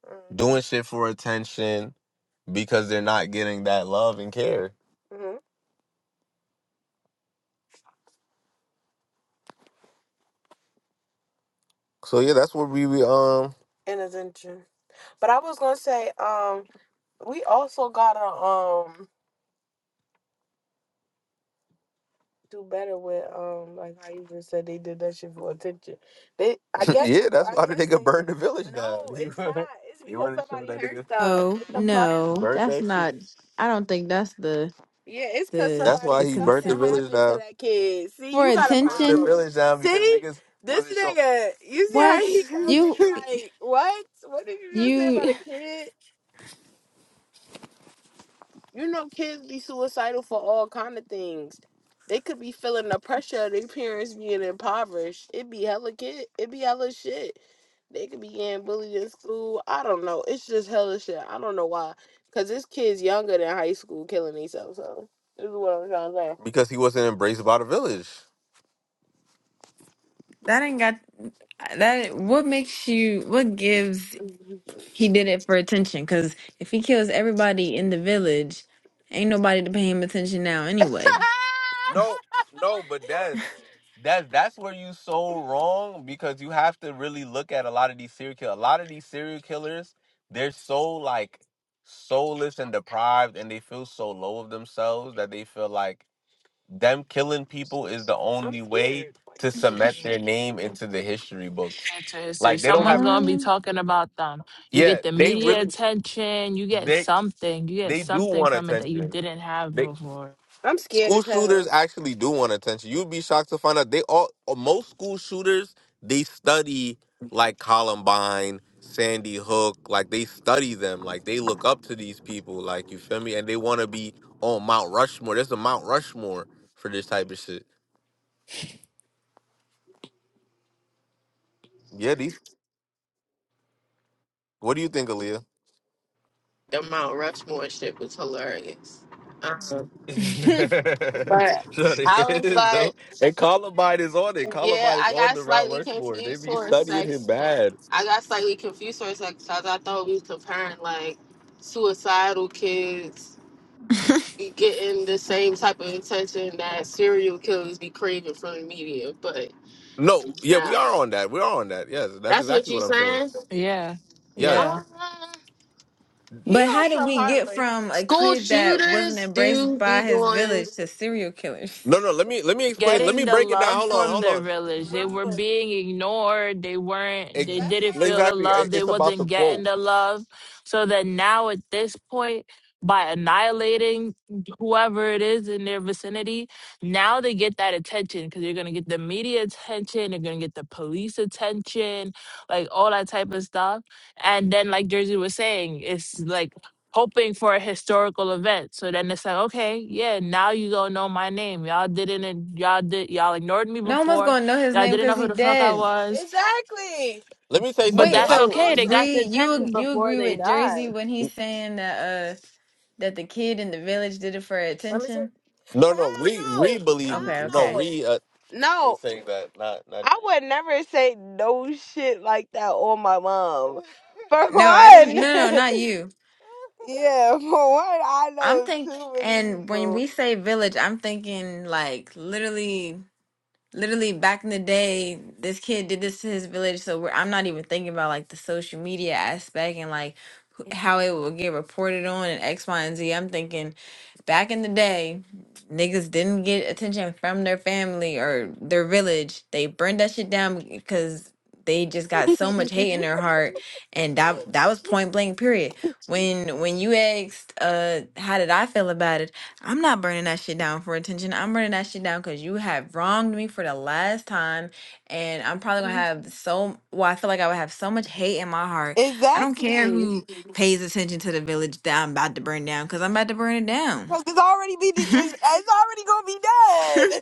Mm. doing shit for attention because they're not getting that love and care. hmm So yeah, that's what we we, um And attention. But I was gonna say, um, we also gotta um do better with um like how you just said they did that shit for attention. They I guess yeah, that's I why the guess nigga they burned the village down. no, You it's not. It's you because want to show somebody that heard nigga them.
Oh
What the fuck?
no,
burnt
that's
shit
not. I don't think that's the
Yeah, it's cause
the
That's somebody why
the
he burnt something
consent
the village happened to down. that kid. See,
for
you got He a burnt the problem.
attention.
village down because See, niggas this wasn't so. nigga, you see
What
how he coming
you
like, what? What did you just say about
you
a kid? you know kids be suicidal for all kind of things they could be feeling the pressure of their parents being impoverished it be hella kid it be hella shit they could be getting bullied in school i don't know it's just hella shit i don't know why because this kid's younger than high school killing himself. so this is what i'm trying to say. because he wasn't embraced by the village.
that ain't got that. What makes you? What gives? He did it for attention. Cause if he kills everybody in the village, ain't nobody to pay him attention now anyway.
no, no, but that's that's that's where you so wrong because you have to really look at a lot of these serial killers. A lot of these serial killers, they're so like soulless and deprived, and they feel so low of themselves that they feel like them killing people is the only way to cement their name into the history books.
Into history,
Like they don't
someone's
have,
gonna be
Huh?
talking about them. You
yeah,
get the
they
media
really
attention. You get
they
something. You get
they do
something
want
from it that you
attention.
didn't have
They.
before.
I'm scared School as shooters hell. actually do want attention. You'd be shocked to find out they all uh, most school shooters they study like Columbine, Sandy Hook, like they study them, like they look up to these people, like you feel me, and they want to be on Mount Rushmore. There's a Mount Rushmore for this type of shit. Yeah, these. What do you think, Aaliyah?
the Mount Rushmore shit was hilarious. Um, but
sure, there
I
it
was
is
like,
though. And Columbine is on it.
yeah,
Columbine is
I
on
got
the Mount
slightly
Rushmore. They
confused
be
for a
studying him
second.
bad.
I got slightly confused for a second because I thought we was comparing like suicidal kids getting the same type of attention that serial killers be craving from the media. But
No, yeah, we
now
are on that. We are on that. Yes, that's
that's what
exactly
you
what I'm saying.
saying.
Yeah, yeah.
Yes.
Uh,
He
But
on
how did
some
we get
heartless.
from a
school
kid that wasn't
shooters
embraced
do be
by his
doing,
village to serial killers?
No, no. Let me let me explain. Let
getting
me
the
break it down.
love
Hold on.
from
Hold
their
on.
village.
Bro.
They were being ignored. They weren't,
Ex-
they
That's
didn't
what I'm
feel the
exactly. It-
love. They
It's about the
wasn't getting
quote.
the love. So that now at this point, by annihilating whoever it is in their vicinity, now they get that attention because you're going to get the media attention. They're going to get the police attention, like all that type of stuff. And then, like Jersey was saying, it's like hoping for a historical event. So then it's like, okay, yeah, now you gonna know my name. Y'all didn't, en- y'all did, not you all did you all ignored me
No one was
before.
gonna know his
Y'all
name
didn't
because
know
he
who the fuck I
dead.
was,
Exactly. Let me tell you
but
something.
Wait,
that's
I But
okay.
so
They
also,
got the
Reed, you
attention
you
before
agree
they
with
died.
Jersey when he's saying that uh that the kid in the village did it for attention?
no no. Re hell re no. re believe Hell
Okay,
no no.
okay.
re uh, is No, is saying that not not I would never say no shit like that on my mom. For
No, I didn't.
one,
No, no, not you.
yeah, for one, I
I'm
know
think.
too many
And when
people.
we say village, I'm thinking like literally. Literally back in the day, this kid did this to his village. So we're, I'm not even thinking about like the social media aspect and like wh- how it will get reported on and X, Y, and Z. I'm thinking back in the day, niggas didn't get attention from their family or their village. They burned that shit down because they just got so much hate in their heart, and that that was point blank. Period. When when you asked, uh, how did I feel about it? I'm not burning that shit down for attention. I'm burning that shit down because you have wronged me for the last time. And I'm probably going to have so, well, I feel like I would have so much hate in my heart. I don't care
Exactly.
who pays attention to the village that I'm about to burn down because I'm about to burn it down.
Because it's already be it's, it's already gonna be done.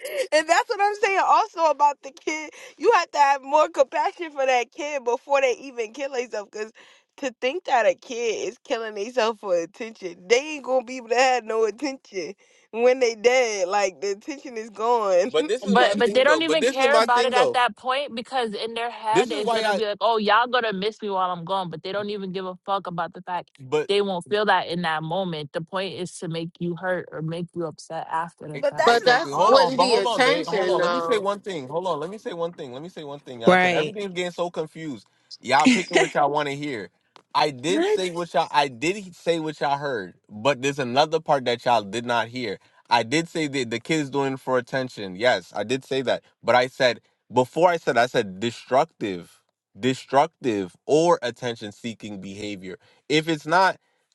and that's what I'm saying also about the kid. You have to have more compassion for that kid before they even kill themselves. Cause to think that a kid is killing themselves for attention, they ain't gonna be able to have no attention when they dead. Like the attention is gone. But this is my
But but they
thing though.
don't
But
even
this is
care
my
about
thing
it at
though.
that point because in their
This
head
is
it's
why
gonna
I.
be like, oh, y'all gonna miss me while I'm gone. But they don't even give a fuck about the fact.
But
They won't feel that in that moment. The point is to make you hurt or make you upset after the
E- But that's
fact.
not
but that
Exactly. Hold all on,
wouldn't
but people
be
hold on, babe. Hold
attention
on. Let suicide. me realize. say
though
one thing. Hold on. Let me say one thing. Let me say one thing, y'all, because
Right.
everything's getting so confused. Y'all picking what y'all want to hear. I did
What?
say what y'all. I did he- say what y'all heard, but there's another part that y'all did not hear. I did say that the kids doing it for attention. Yes, I did say that. But I said before I said I said destructive, destructive or attention seeking behavior. If it's not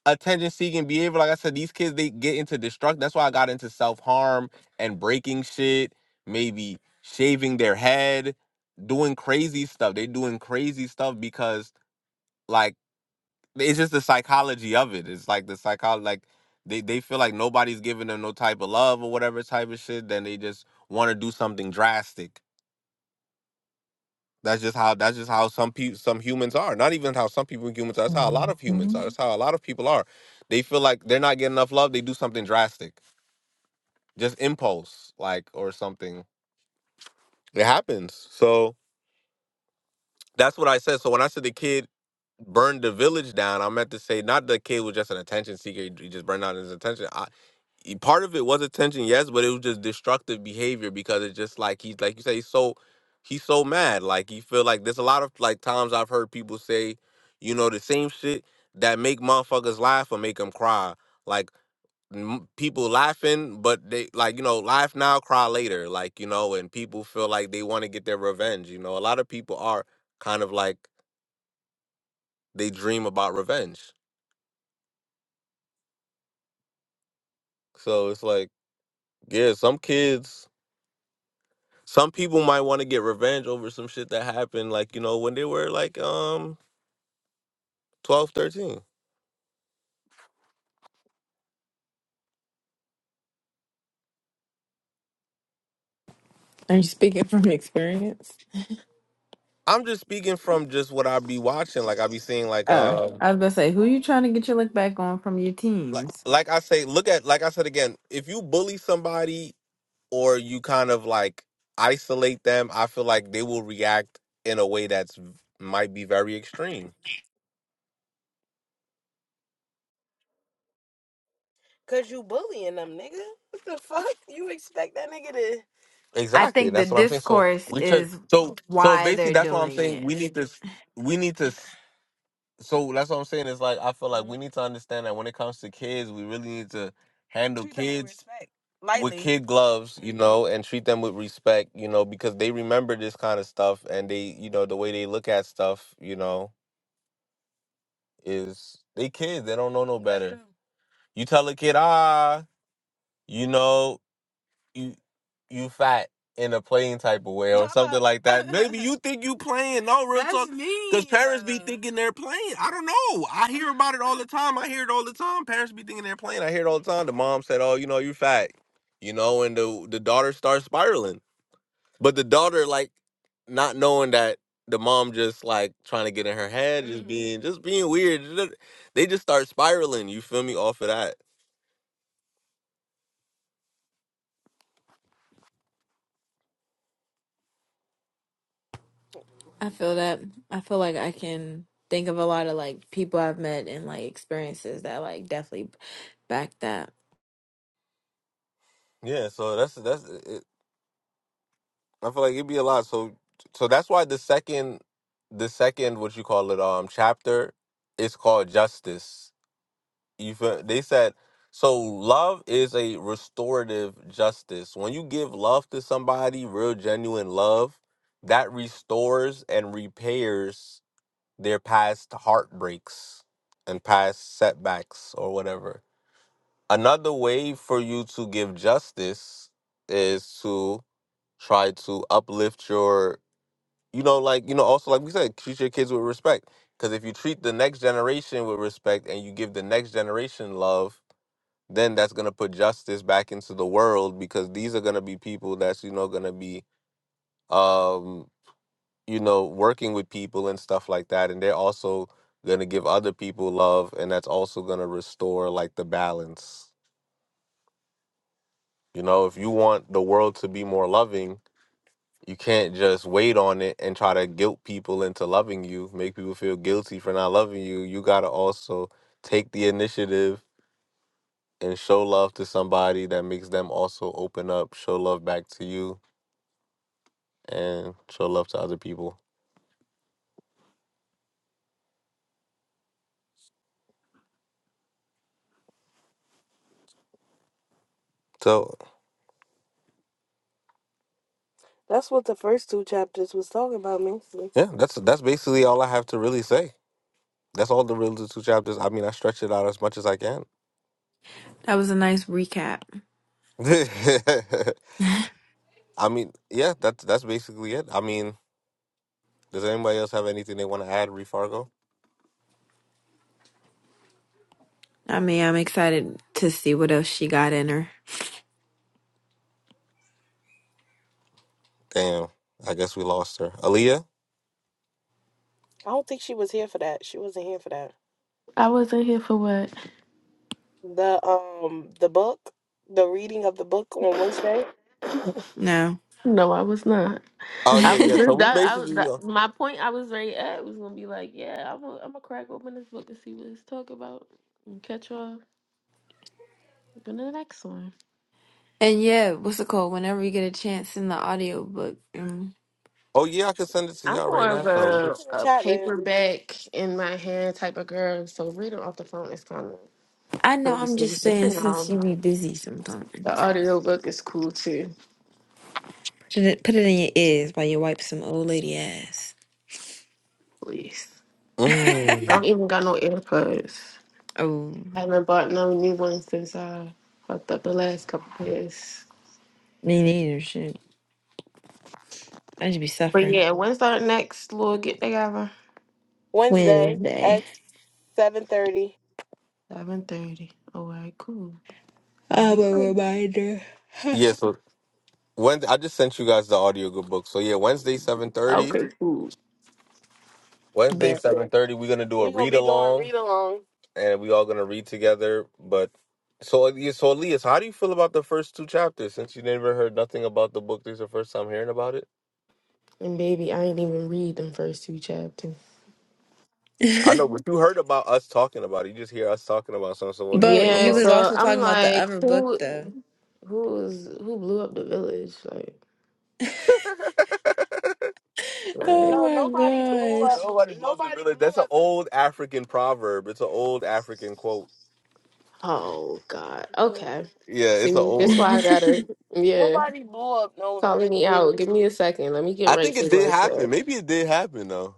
attention seeking behavior. Like I said, these kids they get into destruct. That's why I got into self harm and breaking shit, maybe shaving their head, doing crazy stuff. They doing crazy stuff because like it's just the psychology of it. It's like the psychology like they, they feel like nobody's giving them no type of love or whatever type of shit, then they just want to do something drastic. That's just how that's just how some people some humans are. Not even how some people humans are. That's how a lot of humans
Mhm.
are. That's how a lot of people are. They feel like they're not getting enough love. They do something drastic, just impulse like or something. It happens. So that's what I said. So when I said the kid burned the village down. I meant to say not the kid was just an attention seeker. He he just burned out his attention. I, he- part of it was attention, yes, but it was just destructive behavior because it's just like he's like you say he's so he's so mad. Like he feel like there's a lot of like times I've heard people say, you know, the same shit that make motherfuckers laugh or make them cry. Like m- people laughing, but they like you know laugh now, cry later. Like you know, and people feel like they want to get their revenge. You know, a lot of people are kind of like they dream about revenge. So it's like, yeah, some kids, some people might want to get revenge over some shit that happened, like, you know, when they were like um twelve, thirteen.
Are you speaking from experience?
I'm just speaking from just what I be watching. Like I be seeing like
Oh,
uh
I was about to say, who you trying to get your look back on from your
like
teams?
like I say, look at like I said again, if you bully somebody or you kind of like isolate them, I feel like they will react in a way that's v- might be very extreme. Cause you bullying them, nigga. What the fuck? You expect that nigga to
I
Exactly.
think the
That's what I'm saying. So
discourse
we check.
is
So so
why
basically,
they're
that's what I'm
doing
saying.
it.
We need to. We need to. So that's what I'm saying. It's like I feel like we need to understand that when it comes to kids, we really need to handle treat them with kids respect. with Lightly. kid gloves, you hmm know, and treat them with respect, you know, because they remember this kind of stuff and they, you know, the way they look at stuff, you know, is they kids. They don't know no That's better. true. You tell a kid, ah, you know. you you fat in a playing type of way or something like that. Maybe you think you playing. No real That's talk, because parents be thinking they're playing. I don't know. I hear about it all the time. I hear it all the time. Parents be thinking they're playing. I hear it all the time. The mom said, "Oh, you know, you fat," you know, and the the daughter starts spiraling. But the daughter like not knowing that the mom just like trying to get in her head, just Mm. being just being weird. They just start spiraling. You feel me? Off of that.
I feel that. I feel like I can think of a lot of like people I've met and like experiences that like definitely back that.
Yeah. So that's that's. I feel like it'd be a lot. So so that's why the second the second what you call it um chapter is called justice. You feel, they said so love is a restorative justice. When you give love to somebody, real genuine love, that restores and repairs their past heartbreaks and past setbacks or whatever. Another way for you to give justice is to try to uplift your you know, like you know, also like we said, treat your kids with respect. Because if you treat the next generation with respect and you give the next generation love, then that's gonna put justice back into the world. Because these are gonna be people that's you know gonna be um, you know working with people and stuff like that, and they're also gonna give other people love, and that's also gonna restore like the balance. You know, if you want the world to be more loving, You can't just wait on it and try to guilt people into loving you, make people feel guilty for not loving you. You got to also take the initiative and show love to somebody that makes them also open up, show love back to you, and show love to other people. So, That's what the first two chapters was talking about mostly. yeah, that's that's basically all I have to really say. That's all the real the two chapters. I mean, I stretch it out as much as I can.
That was a nice recap.
I mean, yeah, that's that's basically it. I mean, Does anybody else have anything they want to add, Ree Fargo?
I mean, I'm excited to see what else she got in her.
Damn, I guess we lost her. Aaliyah? I don't think she was here for that. She wasn't here for that. The um the book, the reading of the book on Wednesday.
No.
No, I was not.
Oh
I
yeah,
was
yeah.
and
So
just
we
that. I was
basically,
that.
uh,
My point I was right at was gonna be like, yeah, I'm gonna I'm gonna crack open this book and see what it's talk about and catch y'all in the next one.
yeah, what's it called? Whenever you get a chance in the audiobook. Um,
oh yeah, I can send it to
I'm
y'all right
more of
now. Yeah, send it
a
to the
a
chat, man.
paperback in my hand type of girl, so reading off the phone is kind of
I know I'm
crazy.
just
But
saying
you
since
know,
you be busy
the
sometimes.
audiobook is cool too.
Put it, put it in your ears while you wipe some old lady ass.
Please, I
Mm.
don't even got no AirPods.
oh,
I haven't bought no new ones since I fucked up the last couple pairs.
me neither. Shit. I should be
But
suffering.
yeah, when's our next little get together?
Wednesday
Wednesday.
at seven thirty.
Seven thirty. All right, cool. I'll
I'm
be
a
good.
reminder.
Yeah. So when I just sent you guys the audio good book. So yeah, Wednesday seven thirty.
Okay, cool.
Wednesday,
But
seven thirty, we're gonna do a We're gonna read be doing along, read along. and we all gonna read together. But so, yeah, so Elias, how do you feel about the first two chapters? Since you never heard nothing about the book, this is the first time hearing about it.
And baby, I ain't even read them first two chapters.
I know, but you heard about us talking about it. You just hear us talking about something. So, what do you
but
feel
Yeah,
you
about?
was
so
also
I'm
talking about the
like,
other book
who,
though.
who's who blew up the village? Like, right?
Oh
No,
my
nobody blew up.
gosh.
Nobody blows the Nobody village. That's an old African proverb. It's an old African quote.
Oh God.
Yeah.
Okay.
Yeah,
See,
it's an
that's
old.
why I got her. Yeah,
Nobody blew up no
calling me out.
villages.
Give me a second. Let me get
I
right
think
to
it
what
did
I
happen.
said.
Maybe it did happen though.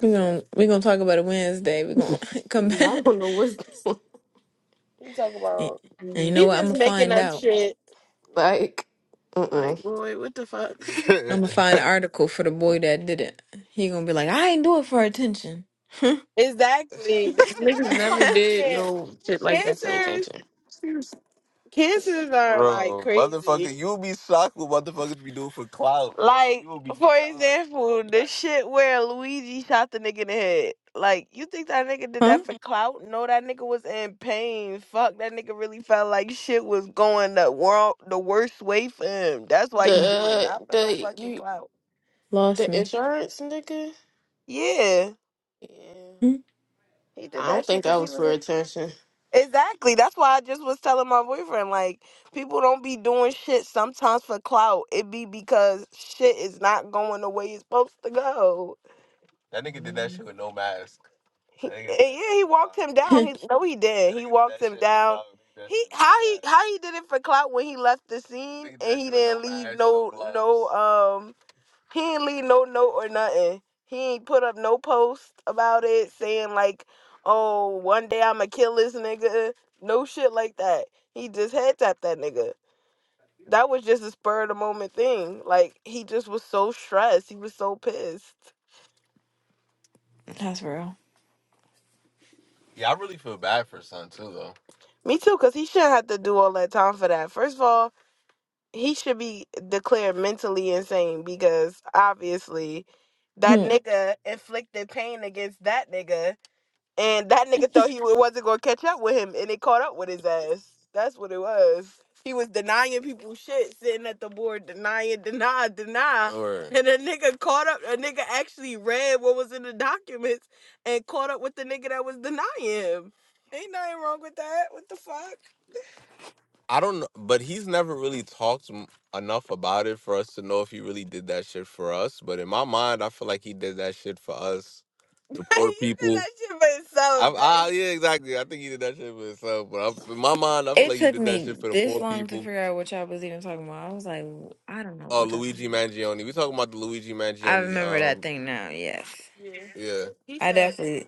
we're gonna we're gonna talk about it Wednesday. We're gonna come
Y'all
back.
don't know what's going
He talk
And
about
and you
on.
know
he's
what? I'm gonna
just making
find
up
out.
shit.
Like, mm
Like,
mm.
boy, what the fuck?
I'm gonna find an article for the boy that did it. He gonna be like, I ain't do it for attention. huh?
Exactly. This is
Niggas
that's why
never
I
did
can't.
no shit like that for
Cancers.
attention.
Cancers are like Bro, crazy. motherfucker, you'll be shocked what motherfuckers be doing for clout. Like, You will be for shocked. example, the shit where Luigi shot the nigga in the head. Like, you think that nigga did that for clout? No, that nigga was in pain. Fuck, that nigga really felt like shit was going the world the worst way for him. That's why he did it,
The
not for no
the
fucking
you
clout.
Lost
the
me.
insurance nigga?
Yeah,
Yeah.
Hmm?
he did
I don't
that shit
think that
because he
was
was
for
in
attention.
Exactly. That's why I just was telling my boyfriend, like, people don't be doing shit sometimes for clout. It be because shit is not going the way it's supposed to go. That nigga did that
All
shit with no mask. He, That nigga and yeah, he walked him down. He no, he That did. That He nigga did walked that him shit for down. clout. That He shit how he how he did it for clout when he left the scene Nigga did and that he shit with no didn't no leave mask, no no no gloves. He ain't leave no note or nothing. He ain't put up no post about it saying like, "Oh, one day I'ma kill this nigga." No shit like that. He just head tapped that nigga. That was just a spur of the moment thing. Like he just was so stressed. He was so pissed.
That's real.
Yeah, I really feel bad for Son too, though. Me too, cause he shouldn't have to do all that time for that. First of all, he should be declared mentally insane because obviously that
Hmm.
nigga inflicted pain against that nigga And that nigga thought he wa- wasn't gonna catch up with him, and it caught up with his ass. That's what it was. He was denying people shit, sitting at the board denying, deny, deny. Or And a nigga caught up. A nigga actually read what was in the documents and caught up with the nigga that was denying him. Ain't nothing wrong with that. What the fuck? I don't know, but he's never really talked m- enough about it for us to know if he really did that shit for us. But in my mind, I feel like he did that shit for us or you did people. that shit for yourself, I, I, like. yeah, exactly. I think he did that shit for himself, but I, in my mind, I feel
It
like he
took
did that
me
shit for the
this
poor
long to
people.
figure out what y'all was even talking about. I was like, I don't know
Oh,
what y'all talking
Luigi
about.
Mangione. We talking about the Luigi
I
Mangione.
remember that
Um,
thing now. Yes,
Yeah. yeah, He
I
said
definitely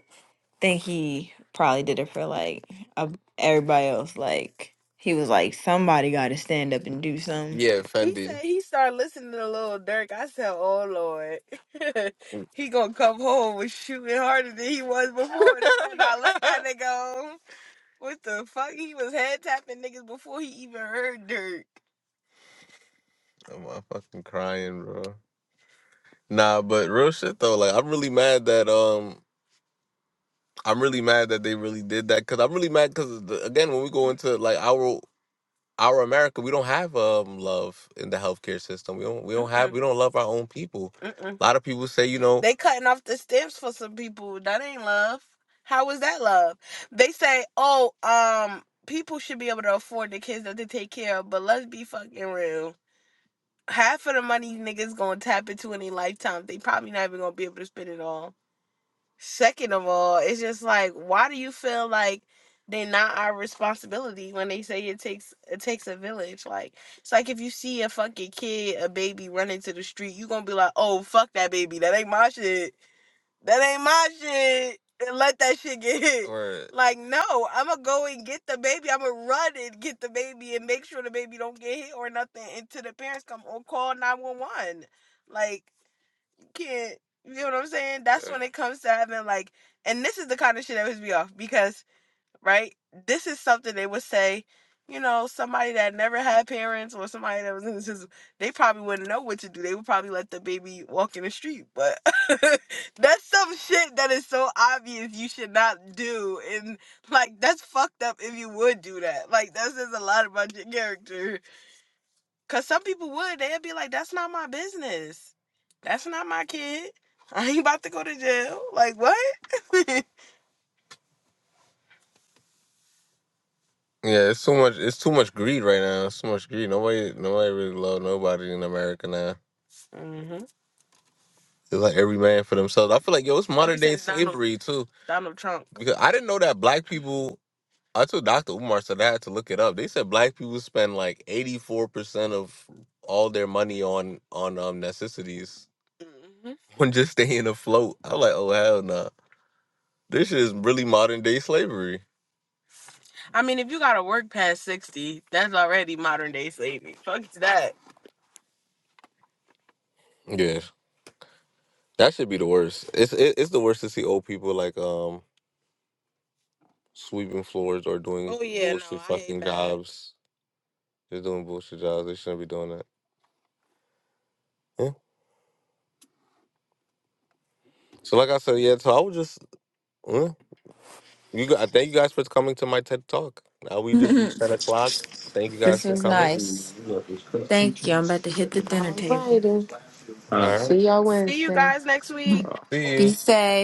think he probably did it for like a, everybody else. Like he was like, somebody got to stand up and do something.
yeah, he Fendi. said he started listening to Lil Durk. I said, "Oh Lord, he gonna come home with shooting harder than he was before." And I said, "Now let that nigga home." What the fuck? He was head tapping niggas before he even heard Dirk. I'm uh, fucking crying, bro. Nah, but real shit though, like I'm really mad that um I'm really mad that they really did that because I'm really mad because again when we go into like our our America we don't have um love in the healthcare system we don't we don't have Mm-mm, we don't love our own people. mm-mm. A lot of people say you know They cutting off the stems for some people. That ain't love. How is that love? They say, oh, um, people should be able to afford the kids that they take care of, but let's be fucking real. Half of the money niggas gonna tap into in their lifetime, they probably not even gonna be able to spend it all. Second of all, it's just like, why do you feel like they're not our responsibility when they say it takes it takes a village? Like it's like if you see a fucking kid, a baby running to the street, you gonna be like, oh fuck that baby, that ain't my shit, that ain't my shit, and let that shit get hit. Or Like no, I'm gonna go and get the baby. I'm gonna run and get the baby and make sure the baby don't get hit or nothing until the parents come or call nine one one. Like can't. You know what I'm saying? That's yeah. when it comes to having like, and this is the kind of shit that pisses me off because, right? This is something they would say, you know, somebody that never had parents or somebody that was in the system, they probably wouldn't know what to do. They would probably let the baby walk in the street. But that's some shit that is so obvious you should not do. And like, that's fucked up if you would do that. Like, that says a lot about your character. Cause some people would. They'd be like, "That's not my business. That's not my kid. I ain't about to go to jail." Like what? Yeah, it's too much. It's too much greed right now. It's too much greed. Nobody, nobody really love nobody in America now. hmm It's like every man for themselves. I feel like yo, it's modern day since Donald slavery too. Donald Trump. Because I didn't know that black people. I took Dr. Umar, so I had to look it up. They said black people spend like eighty four percent of all their money on on um necessities hmm on just staying afloat. I'm like, oh hell no. This is really modern day slavery. I mean, if you gotta work past sixty, that's already modern day slavery. Fuck that. Yeah. That should be the worst. It's it, it's the worst to see old people like um sweeping floors or doing Oh yeah, no, bullshit I hate fucking that. jobs. They're doing bullshit jobs. They shouldn't be doing that. Yeah. So like I said, yeah, so I would just Well, you got, thank you guys for coming to my TED Talk. Now we just reached
this
10 o'clock. Thank you guys for
was
coming.
nice. Thank you. I'm about to hit the dinner table.
righty. Uh,
All right.
See y'all
See you
Wednesday.
guys next week. See
Be
you.
safe.